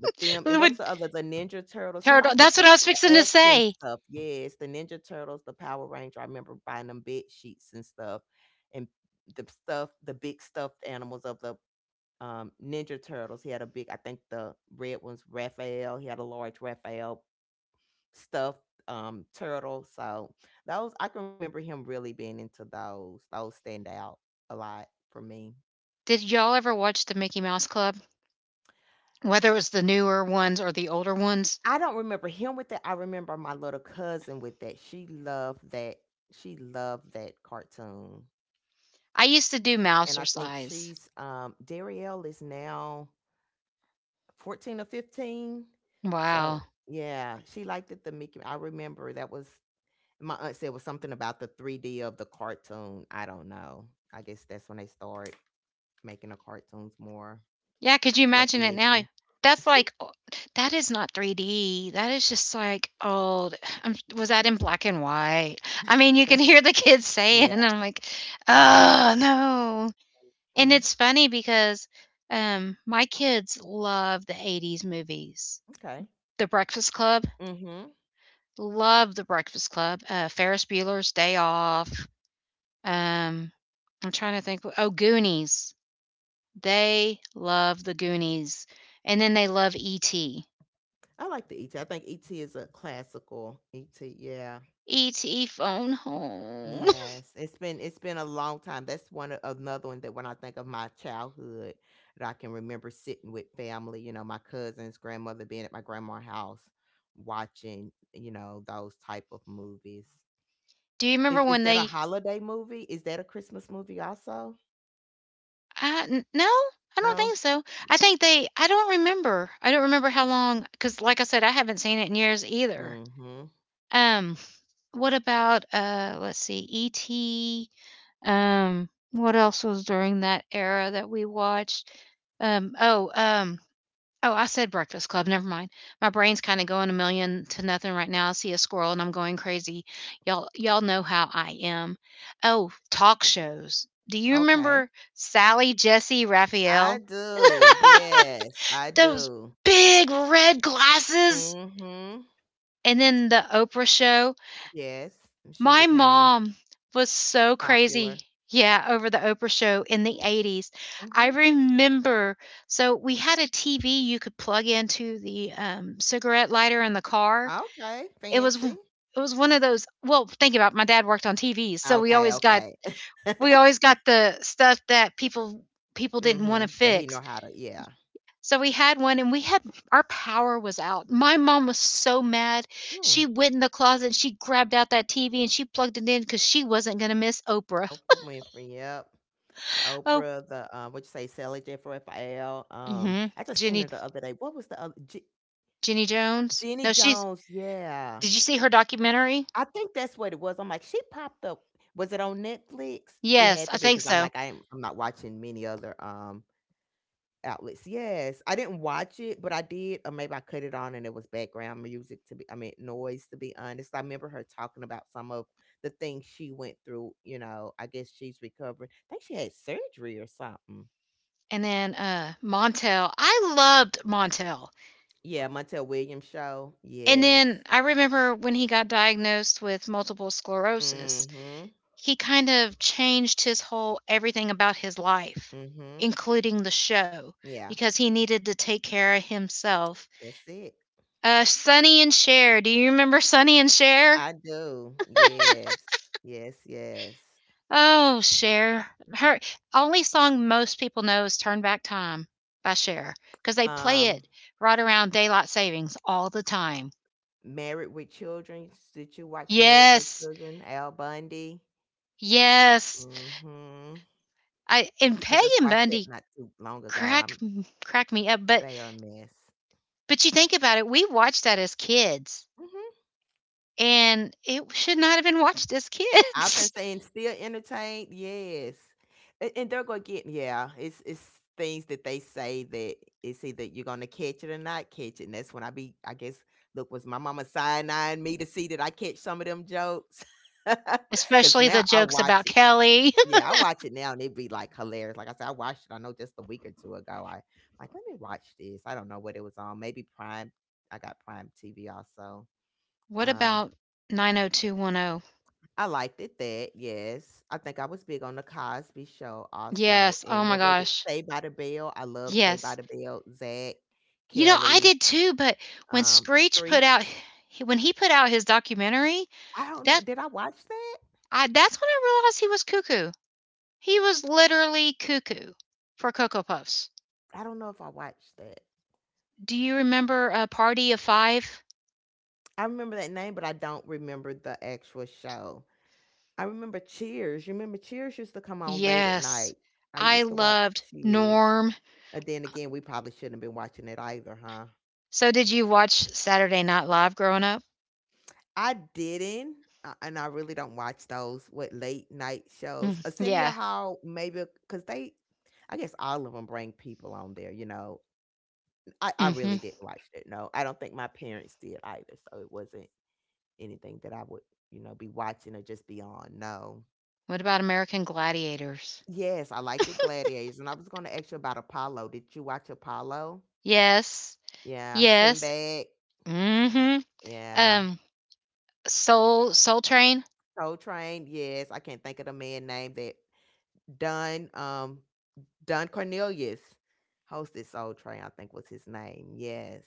But them and what
Would
was the other? The Ninja Turtles. He
parado
liked it,
that's what I was
the
fixing to
action
say.
stuff. Yes, the Ninja Turtles, the Power Ranger. I remember buying them bed sheets and stuff, and the stuff, the big stuffed animals of the Ninja Turtles. He had a big, I think the red ones, Raphael. He had a large Raphael stuff, turtle. So those I can remember him really being into those. Those stand out a lot for me.
Did y'all ever watch the Mickey Mouse Club? Whether it was the newer ones or the older ones?
I don't remember him with that. I remember my little cousin with that. She loved that. She loved that cartoon.
I used to do
And I
Mouser.
think she's Darielle is now 14 or 15. So
Wow.
yeah, she liked it, the Mickey. I remember that was, my aunt said, was something about the 3D of the cartoon. I don't know. I guess that's when they started making the cartoons more
Yeah, could you imagine it now?
definition.
That's like, that is not 3D. That is just like old. Was that in black and white? I mean, you can hear the kids
Yeah.
saying, and I'm like, "Oh, no." And
Mm.
it's funny because, my kids love the 80s movies.
Okay.
The Breakfast Club.
Hmm.
Love The Breakfast Club. Ferris Bueller's Day Off. Um, I'm trying to think. Oh, Goonies. They love the Goonies, and then they love E. T.
I like the ET. I think ET is a classical ET. Yeah.
E. T. phone home.
Yes. It's been, it's been a long time. That's one another one that when I think of my childhood that I can remember sitting with family, you know, my cousins, grandmother, being at my grandma's house watching, you know, those type of movies.
Do you remember
Is
when
that a
they?
holiday movie? Is that a Christmas movie also?
No, I don't
No.
think so. I think they. I don't remember. I don't remember how long, because, like I said, I haven't seen it in years either.
Mhm.
Um, what about Let's see. ET. What else was during that era that we watched? Um, oh, um, oh, I said Breakfast Club. Never mind. My brain's kind of going a million to nothing right now. I see a squirrel and I'm going crazy. Y'all know how I am. Oh, talk shows. Do you
Okay.
remember Sally, Jesse,
I
Raphael?
do. Yes, I
Those
do.
big red
Mm,
glasses.
mhm.
And then the Oprah show.
Yes, and she
My
became
mom was so crazy.
popular.
Yeah, over the Oprah show in the
Mm,
80s. I
mhm.
remember, so we had a TV you could plug into the, cigarette lighter in the car.
Okay,
It was o
fancy.
it was one of those, well, think about it, my dad worked on TVs, so
Okay, okay.
we always got the stuff that people
Mm,
didn't wanna
mhm. That he
fix.
know how to. Yeah.
So we had one, and we had our power was out. My mom was so mad.
Hmm.
She went in the closet and she grabbed out that TV and she plugged it in, cuz she wasn't going to miss Oprah.
Oprah Winfrey. Yep. The
Oh,
Oprah. The What you say? Sally Jennifer Raphael. Um,
mhm.
I just seen her the other day. What was the other?
Jenny Jones.
Jenny
No, she's.
Jones. Yeah.
Did you see her documentary?
I think that's what it was. I'm like, she popped up. Was it on Netflix? It
Yes,
had
I
to be
think
because I'm
so.
like, I am, I'm not watching many other outlets. Yes, I didn't watch it, but I did, or maybe I cut it on and it was background music to be, I mean, noise, to be honest. I remember her talking about some of the things she went through. You know, I guess she's recovering. I think she had surgery or something.
And then uh, Montel. I loved Montel.
Yeah, Montel Williams show.
And
Yes.
then I remember when he got diagnosed with multiple sclerosis,
Mm-hmm.
he kind of changed his whole everything about his life,
Mm-hmm.
including the show,
Yeah,
because he needed to take care of himself.
that's it.
Sonny and Cher. Do you remember Sonny and Cher?
I do. Yes. Yes, yes.
Oh, Cher. Her only song most people know is Turn Back Time by Cher, because they play
Um,
it right around daylight savings all the time.
Married with Children. Did you watch Married with
Yes.
Children? Al Bundy.
Yes.
Mm, mhm.
I and
I
Peg
just
and
watched it
Bundy
not too long ago.
crack
I'm,
crack me up,
they are a mess.
but you think about it, we watched that as kids.
Mm, mhm.
And it should not have been watched as
I've been
kids.
saying, still entertained, yes. And they're gonna get, yeah, it's things that they say that it's either you're gonna catch it or not catch it. And that's when I be, I guess, look, was my mama side eyeing me to see that I catch some of them jokes? Cause
Especially the
now I
jokes
watch
about
it.
Kelly.
Yeah, I watch it now and it be like hilarious. Like I said, I watched it, I know, just a week or two ago. I like, let me watch this. I don't know what it was on. Maybe Prime, I got Prime TV also.
What
Um,
about 90210?
I liked it that, yes. I think I was big on The Cosby Show also,
Yes. Oh
and
my
what was it?
gosh.
Say by the Bell. I love Say by
Yes.
the Bell, Zach,
You know, I
Kelly,
did too, but when Screech put
Street.
out when he put out his documentary,
I don't know.
that
Did I watch that?
I, that's when I realized he was cuckoo. He was literally cuckoo for Cocoa Puffs.
I don't know if I watched that.
Do you remember a party of 5?
I remember that name, but I don't remember the actual show. I remember Cheers. You remember Cheers used to come on late at
Yes.
night. I
I
used to watch
loved
Cheers.
Norm.
And then again, we probably shouldn't have been watching it either, huh?
So did you watch Saturday Night Live growing up?
I didn't, and I really don't watch those, what, late night
Mm,
shows. Arsenio
yeah.
Hall, maybe because they, I guess all of them bring people on there. You know, I really
Mhm.
didn't watch it. No, I don't think my parents did either, so it wasn't anything that I would, you know, be watching or just be on. No.
What about American Gladiators?
Yes, I liked the Gladiators, and I was going to ask you about Apollo. Did you watch Apollo?
Yes.
Yeah,
Yes.
Sinbad.
Mhm.
Yeah,
Um Soul Train?
Soul Train. Yes, I can't think of the man name that done. Don Cornelius hosted Soul Train, I think was his name. Yes.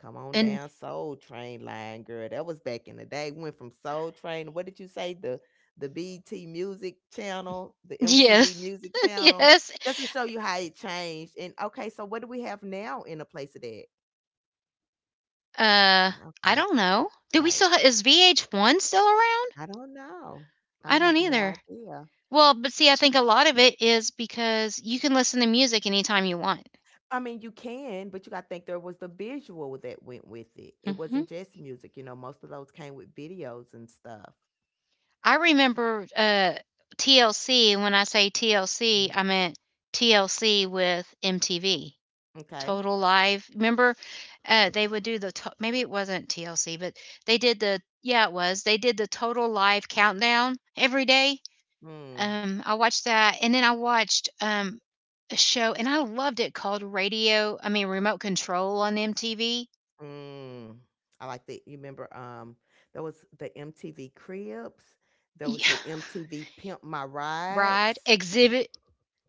Come on
And
down, Soul Train line, girl. That was back in the day. Went from Soul Train. What did you say? The BT Music Channel, the MTV
yes.
Music Channel.
Yes.
Just to show you how it changed. And okay, so what do we have now in the place of that?
Uh
Ah,
I
okay,
don't know. Do we
right.
still is VH1 still around?
I don't know. I
I don't
have no
either.
idea.
Well, but see, I think a lot of it is because you can listen to music anytime you want.
I mean, you can, but you got to think there was the visual that went with it. It
Mhm.
wasn't just music. Most of those came with videos and stuff.
I remember, TLC, when I say
Mhm.
TLC, I meant TLC with MTV,
Okay.
Total Live. Remember, they would do the to maybe it wasn't TLC, but they did the yeah, it was. They did the Total Live countdown every day.
Mm.
I watched that, and then I watched, a show, and I loved it, called Radio I mean, Remote Control on MTV.
Mm. I like that. You remember, there was the MTV Cribs. There was
Yeah.
the MTV Pimp My
Bride,
Rides.
Exhibit,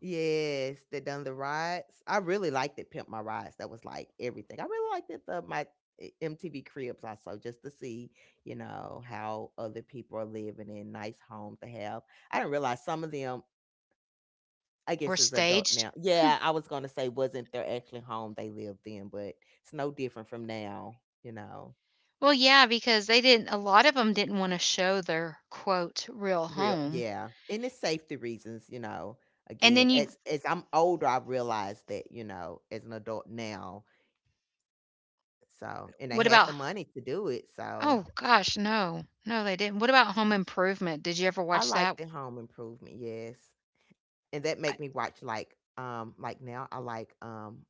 Yes, they done the rides. I really liked it, Pimp My Rides. That was like everything. I really liked it, the MTV Cribs also, just to see, you know, how other people are living in nice homes they have. I didn't realize some of them, I
or
guess, as adult
Staged.
now. Yeah, I was gonna say wasn't their actually home they lived in, but it's no different from now, you know.
Well, yeah, because they didn't a lot of them didn't wanna show their, quote, "real
Real,
home."
yeah, and it's safety reasons, you know.
And
Again,
then you
as I'm older, I realized that, you know, as an adult now. So, and they
what
had
about.
the money to do it. So,
Oh gosh, no. No, they didn't. What about Home Improvement? Did you ever
I
watch that?
like the home improvement, yes. And that
I
make me watch like now I like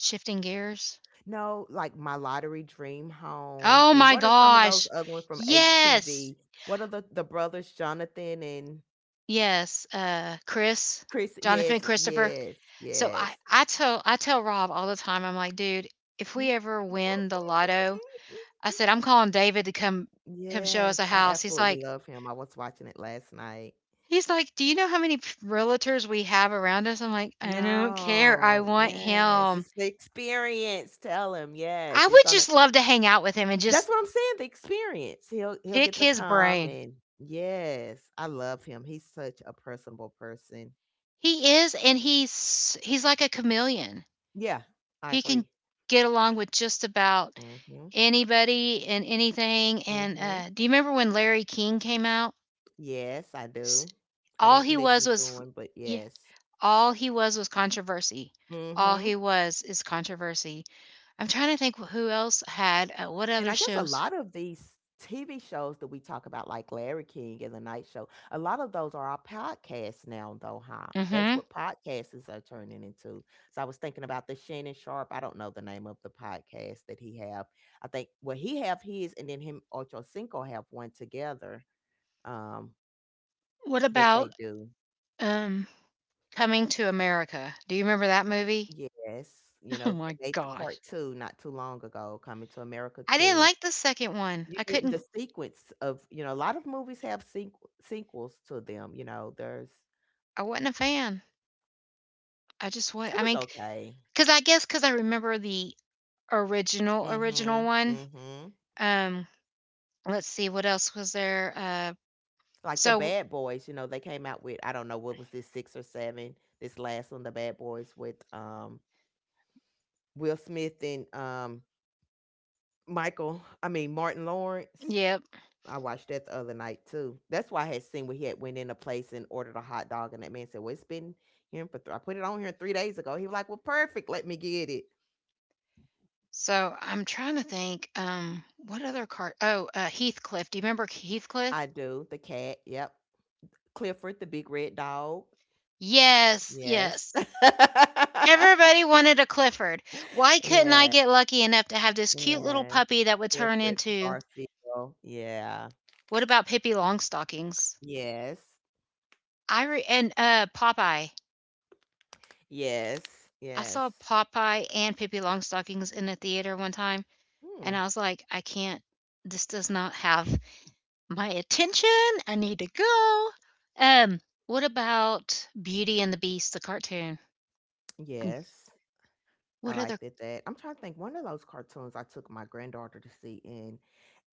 Shifting Gears?
no, like My Lottery Dream Home.
Oh
And
my
what are some of those
gosh.
other ones from
Yes.
HTV? What are the brothers Jonathan and
Yes, Chris,
Chris? Yes,
Jonathan Christopher.
yes,
So
yes.
I I tell I tell Rob all the time, I'm like, "Dude, if we
Mhm.
ever win the lotto," I said, "I'm calling David to come show
yes,
us a
I
house."
absolutely love him. I was watching it last night.
He's like, "Do you know how many p realtors we have around us?" I'm like, "I don't care, I
No,
want
yes,
him."
it's the experience. Tell him, yes,
I
he's
would
gonna.
just love to hang out with him and
That's
just
what I'm saying. The experience. He'll
pick
get the
his
calm
brain.
and yes, I love him. He's such a personable person.
He is, and he's like a chameleon.
Yeah, I
He can
agree.
get along with just about
Mhm,
anybody and anything, and,
mhm.
do you remember when Larry King came out?
Yes, I
S
do. I
All
didn't
he
listen
was
to him, but
yeah,
yes.
all he was controversy. All he
Mhm.
was is controversy. I'm trying to think who else had, what
And
other
I guess a
shows?
lot of these TV shows that we talk about, like Larry King and The Night Show, a lot of those are our podcasts now, though, huh? That's
Mhm.
what podcasts are turning into. So I was thinking about the Shannon Sharp. I don't know the name of the podcast that he have. I think well he have his, and then him Ocho Cinco have one together um,
What
that they
about,
do.
um, Coming to America? Do you remember that movie?
Yes, you
Oh
know they
my
made the
gosh.
part two not too long ago, Coming to America
I didn't
two.
like the second one.
You didn't the sequence of you know, a lot of movies have sequels to them, you know, there's
I wasn't a fan. I just wa
it
I
was
mean,
okay.
because I guess because I remember the original, original
Mhm,
one.
mhm.
Um, let's see, what else was there?
Like the
So
Bad Boys, you know, they came out with I don't know what was this 6 or 7, this last one, the Bad Boys with Will Smith and Michael, I mean Martin Lawrence.
Yep.
I watched that the other night too. That's why I had seen where he had went in a place and ordered a hot dog, and that man said, "Well, it's been here for I put it on here 3 days ago." He was like, "Well, perfect. Let me get it."
So, I'm trying to think, what other car Oh, Heathcliff. Do you remember Heathcliff?
I do. The cat, yep. Clifford, the big red dog.
Yes,
Yes.
yes. Everybody wanted a Clifford. Why couldn't I
yeah,
get lucky enough to have this cute little
yeah.
puppy that would turn
Clifford,
into
Garfield. Yeah.
What about Pippi Longstockings?
Yes.
And Popeye.
Yes.
I
Yes.
saw Popeye and Pippi Longstockings in a theater one time
Hmm.
and I was like, I can't this does not have my attention. I need to go. Um what about Beauty and the Beast the cartoon?
Yes. I
What other
liked it that. I'm trying to think one of those cartoons I took my granddaughter to see and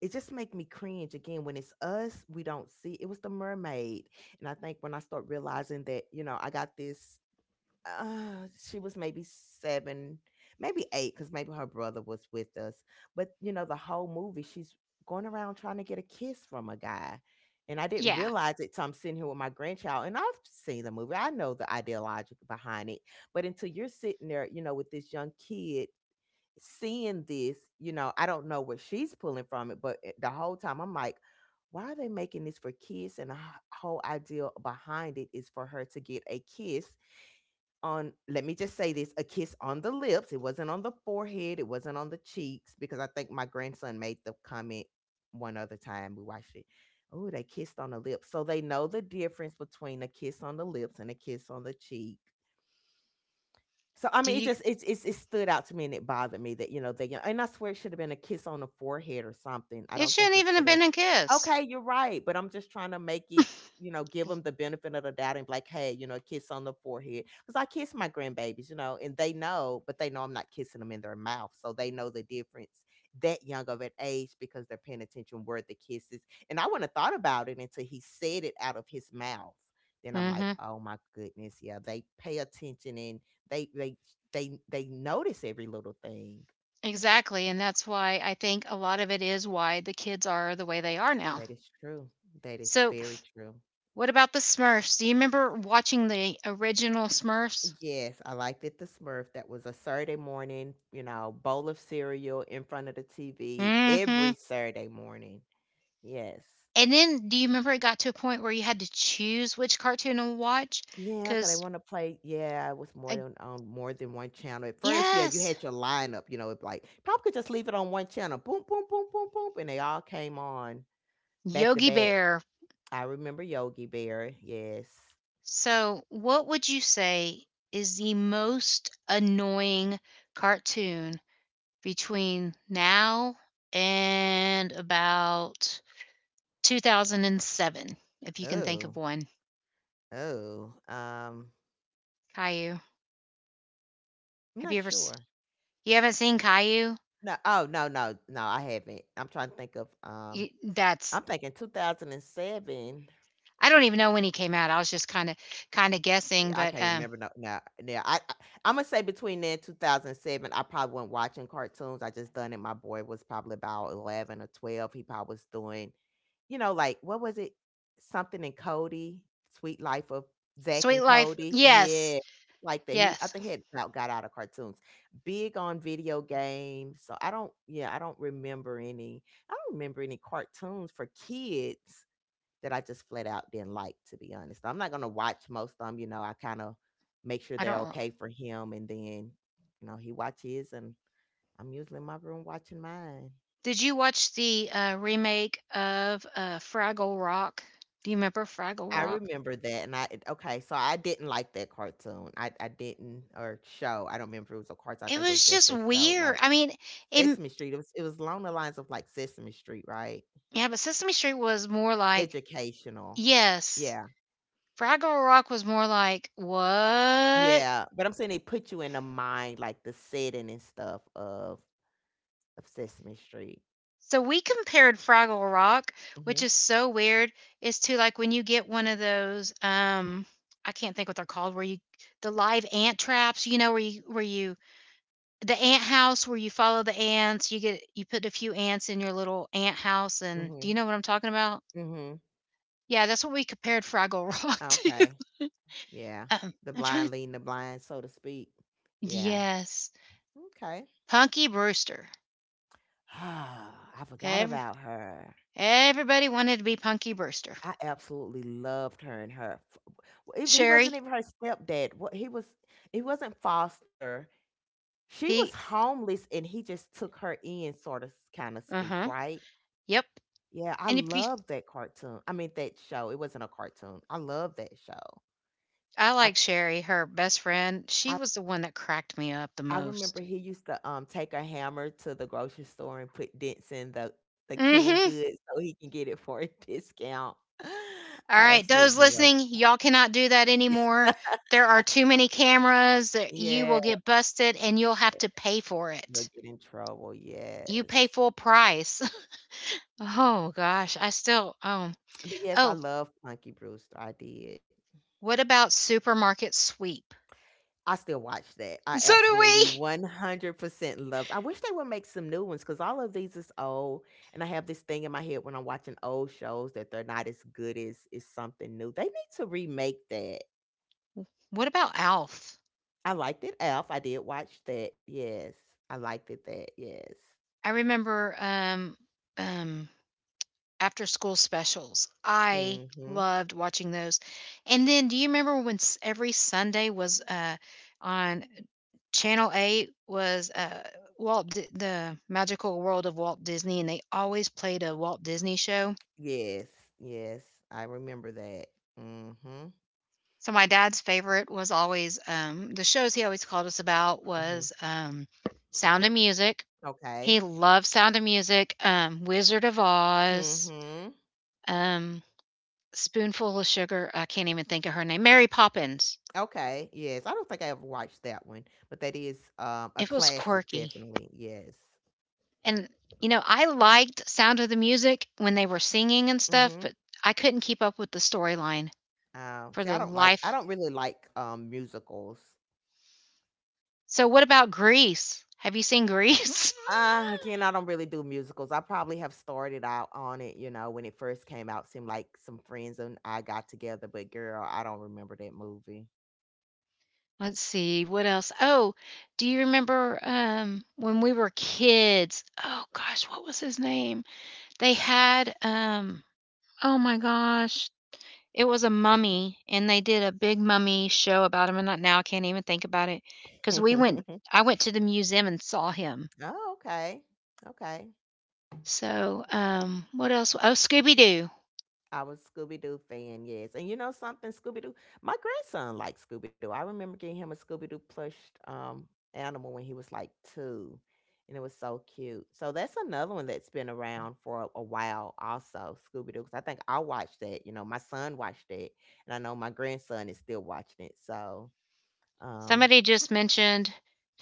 it just make me cringe again when it's us we don't see it was the mermaid. And I think when I start realizing that you know I got this. She was maybe 7, maybe 8, cuz maybe her brother was with us. But you know, the whole movie she's going around trying to get a kiss from a guy. And I didn't
Yeah,
realize it till I'm sitting here with my grandchild. And I've seen the movie. I know the ideology behind it. But until you're sitting there, you know, with this young kid seeing this, you know, I don't know what she's pulling from it, but the whole time I'm like, why are they making this for kids? And whole idea behind it is for her to get a kiss on, let me just say this, a kiss on the lips. It wasn't on the forehead, it wasn't on the cheeks. Because I think my grandson made the comment one other time we watched it, "Oh, they kissed on the lips." So they know the difference between a kiss on the lips and a kiss on the cheek. So I
do
mean, it
you
just it stood out to me, and it bothered me that you know they, and I swear it should have been a kiss on the forehead or something. I
It
don't think
shouldn't
it
even have
should have.
been a kiss.
Okay, you're right, but I'm just trying to make it you know give them the benefit of the doubt and be like, hey, you know, a kiss on the forehead. Because I kiss my grandbabies, you know, and they know, but they know I'm not kissing them in their mouth, so they know the difference that young of an age, because they're paying attention where the kisses. And I wouldn't have thought about it until he said it out of his mouth. Then I'm like,
Mhm.
oh my goodness, yeah, they pay attention and they they they notice every little thing.
Exactly, and that's why I think a lot of it is why the kids are the way they are now.
That is true. That is
So,
very true.
what about the Smurfs? Do you remember watching the original Smurfs?
Yes, I liked it. The Smurf. That was a Saturday morning, you know, bowl of cereal in front of the TV
Mm hmm.
every Saturday morning. Yes.
And then, do you remember it got to a point where you had to choose which cartoon to watch?
Yeah, because they
Because,
want to play. Yeah, it was more than on more than one channel. At first, yeah, you
yes,
had your lineup. You know, it like probably could just leave it on one channel. Boom, boom, boom, boom, boom, and they all came on back to
Yogi
back.
Bear.
I remember Yogi Bear. Yes.
So, what would you say is the most annoying cartoon between now and about 2007, if you can think of
Oh.
one.
Oh,
Caillou.
I'm
Have
not
you ever
sure.
you haven't seen Caillou?
No, oh no, no, no, I haven't. I'm trying to think of
You, that's
I'm thinking 2007.
I don't even know when he came out. I was just kind of guessing,
Yeah, I
but
can't remember. No no. No. I'm gonna say between then 2007, I probably wasn't watching cartoons. I just done it. My boy was probably about 11 or 12. He probably was doing you know, like, what was it? Something in Cody, Sweet Life of Zach and
Sweet Life.
Cody.
Yes.
Yeah. Like that. He I
Yes.
think he had about got out of cartoons. Big on video games. So I don't yeah, I don't remember any I don't remember any cartoons for kids that I just flat out didn't like, to be honest. I'm not gonna watch most of them, you know, I kind of make sure
I
they're
don't
okay for him and then, you know, he watches and I'm usually in my room watching mine.
Did you watch the remake of Fraggle Rock? Do you remember Fraggle
I
Rock?
remember that, and I okay, so I didn't like that cartoon. I didn't or show, I don't remember if it was a cartoon, I
It
think it was
was
just
just
a show,
weird.
like,
I mean, it
Sesame Street. It was it was along the lines of, like, Sesame Street, right?
yeah, but Sesame Street was more like
Educational.
yes.
Yeah,
Fraggle Rock was more like what?
yeah, but I'm saying they put you in the mind, like, the setting and stuff of Sesame Street.
So we compared Fraggle Rock, which
Mhm,
is so weird, is to like when you get one of those I can't think what they're called where you the live ant traps, you know, where you the ant house where you follow the ants, you get you put a few ants in your little ant house and do you
mhm,
know what I'm talking about?
mhm.
Yeah, that's what we compared Fraggle Rock to.
Okay, yeah. The
I'm trying
blind
to
leading the blind, so to speak. Yeah,
yes.
okay.
Punky Brewster.
I forgot
Every,
about her.
everybody wanted to be Punky Brewster.
I absolutely loved her and her. He wasn't
Sherry,
even her stepdad. What he was, he wasn't foster. She was
he
homeless, and he just took her in, sort of, kind of speak,
uh-huh.
right?
Yep.
Yeah, I
And if you
love that cartoon. I mean, that show. It wasn't a cartoon. I love that show.
I
I
like Sherry, her best friend. She
I,
was the one that cracked me up the
I remember
most.
he used to take a hammer to the grocery store and put dents in the canned
Mhm.
goods so he can get it for a discount.
All
I
right,
absolutely
those
love.
listening, y'all cannot do that anymore. There are too many cameras that you
Yeah.
will get busted and you'll have to pay for
You'll
it.
get in trouble,
You pay
yes.
full price. Oh gosh, I still
But yes, I
oh,
love Punky Brewster. I did.
what about supermarket sweep?
I still watch that. I
So do
absolutely
we.
100% love. I wish they would make some new ones because all of these is old. And I have this thing in my head when I'm watching old shows that they're not as good as, is something new. They need to remake that.
What about Alf?
I liked it, Alf. I did watch that. Yes. I liked it, that. Yes.
I remember um after school specials. I
Mm-hmm.
loved watching those. And then do you remember when every Sunday was on Channel 8 was the Magical World of Walt Disney and they always played a Walt Disney show.
Yes. Yes. I remember that. Mm-hmm.
So my dad's favorite was always the shows he always called us about
Mm-hmm.
was Sound of Music. He
Okay.
loved Sound of Music, Wizard of Oz,
Mm-hmm.
um Spoonful of Sugar. I can't even think of her name. Mary Poppins.
Okay, yes. I don't think I ever watched that one, but that is a
It was
classic
quirky,
definitely. Yes.
and, you know, I liked Sound of the Music when they were singing and stuff,
Mhm.
but I couldn't keep up with the storyline for
See
the
I don't like
life
I don't really like musicals.
So what about Grease? Have you seen Grease?
Again, I don't really do musicals. I probably have started out on it, you know, when it first came out, seemed like some friends and I got together, but girl, I don't remember that movie.
Let's see, what else? Oh, do you remember, when we were kids oh gosh, what was his name? They had, oh my gosh. It was a mummy, and they did a big mummy show about him, and not now I can't even think about it, cause we went I went to the museum and saw him.
oh, okay. Okay.
So, what else? Oh, Scooby Doo.
I was Scooby Doo fan, yes. And you know something, Scooby Doo? My grandson likes Scooby Doo. I remember getting him a Scooby Doo plushed animal when he was like two, and it was so cute. So that's another one that's been around for a while, also Scooby Doo. Because I think I watched that. You know, my son watched it, and I know my grandson is still watching it. So um,
Somebody just mentioned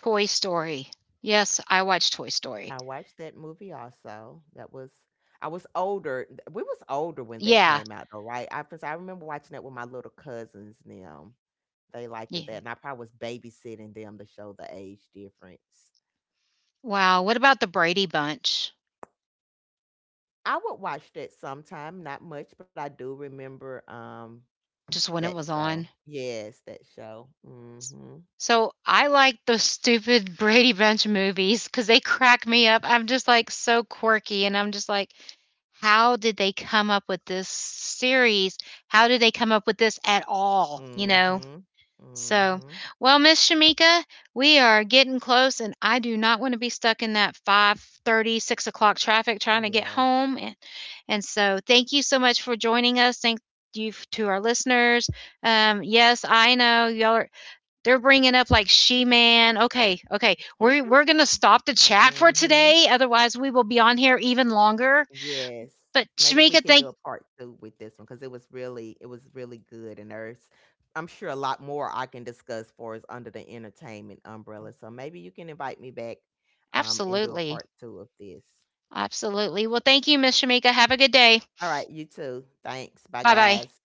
Toy Story. Yes, I watched Toy Story.
I watched that movie also. That was I was older. We was older when that
Yeah,
came out, though, right? I, 'cause I remember watching that with my little cousins now. They liked it
yeah.
that, and I probably was babysitting them to show the age difference.
Wow, what about the Brady Bunch?
I would watch that sometime, not much, but I do remember
Just when it
that
was
show.
on.
Yes, that show. Mhm.
So I like those stupid Brady Bunch movies because they crack me up. I'm just like so quirky, and I'm just like, how did they come up with this series? How did they come up with this at all? You know?
Mhm.
So,
Mhm.
well, Miss Shamika, we are getting close, and I do not want to be stuck in that 5:30, 6 o'clock traffic trying to get
Yes.
home. And so, thank you so much for joining us. Thank you to our listeners. Yes, I know y'all are they're bringing up like She-Man. Okay, okay. We're gonna stop the chat for
mhm.
today, otherwise we will be on here even longer.
Yes.
But
Maybe we
Shamika,
could do
thank
a part two with this one because it was really good and there's I'm sure a lot more I can discuss for as under the entertainment umbrella. So maybe you can invite me back and do a
absolutely,
part two of this.
absolutely. Well, thank you, Miss Shamika. Have a good day.
All right, you too.
Bye
Thanks.
bye.
Bye guys.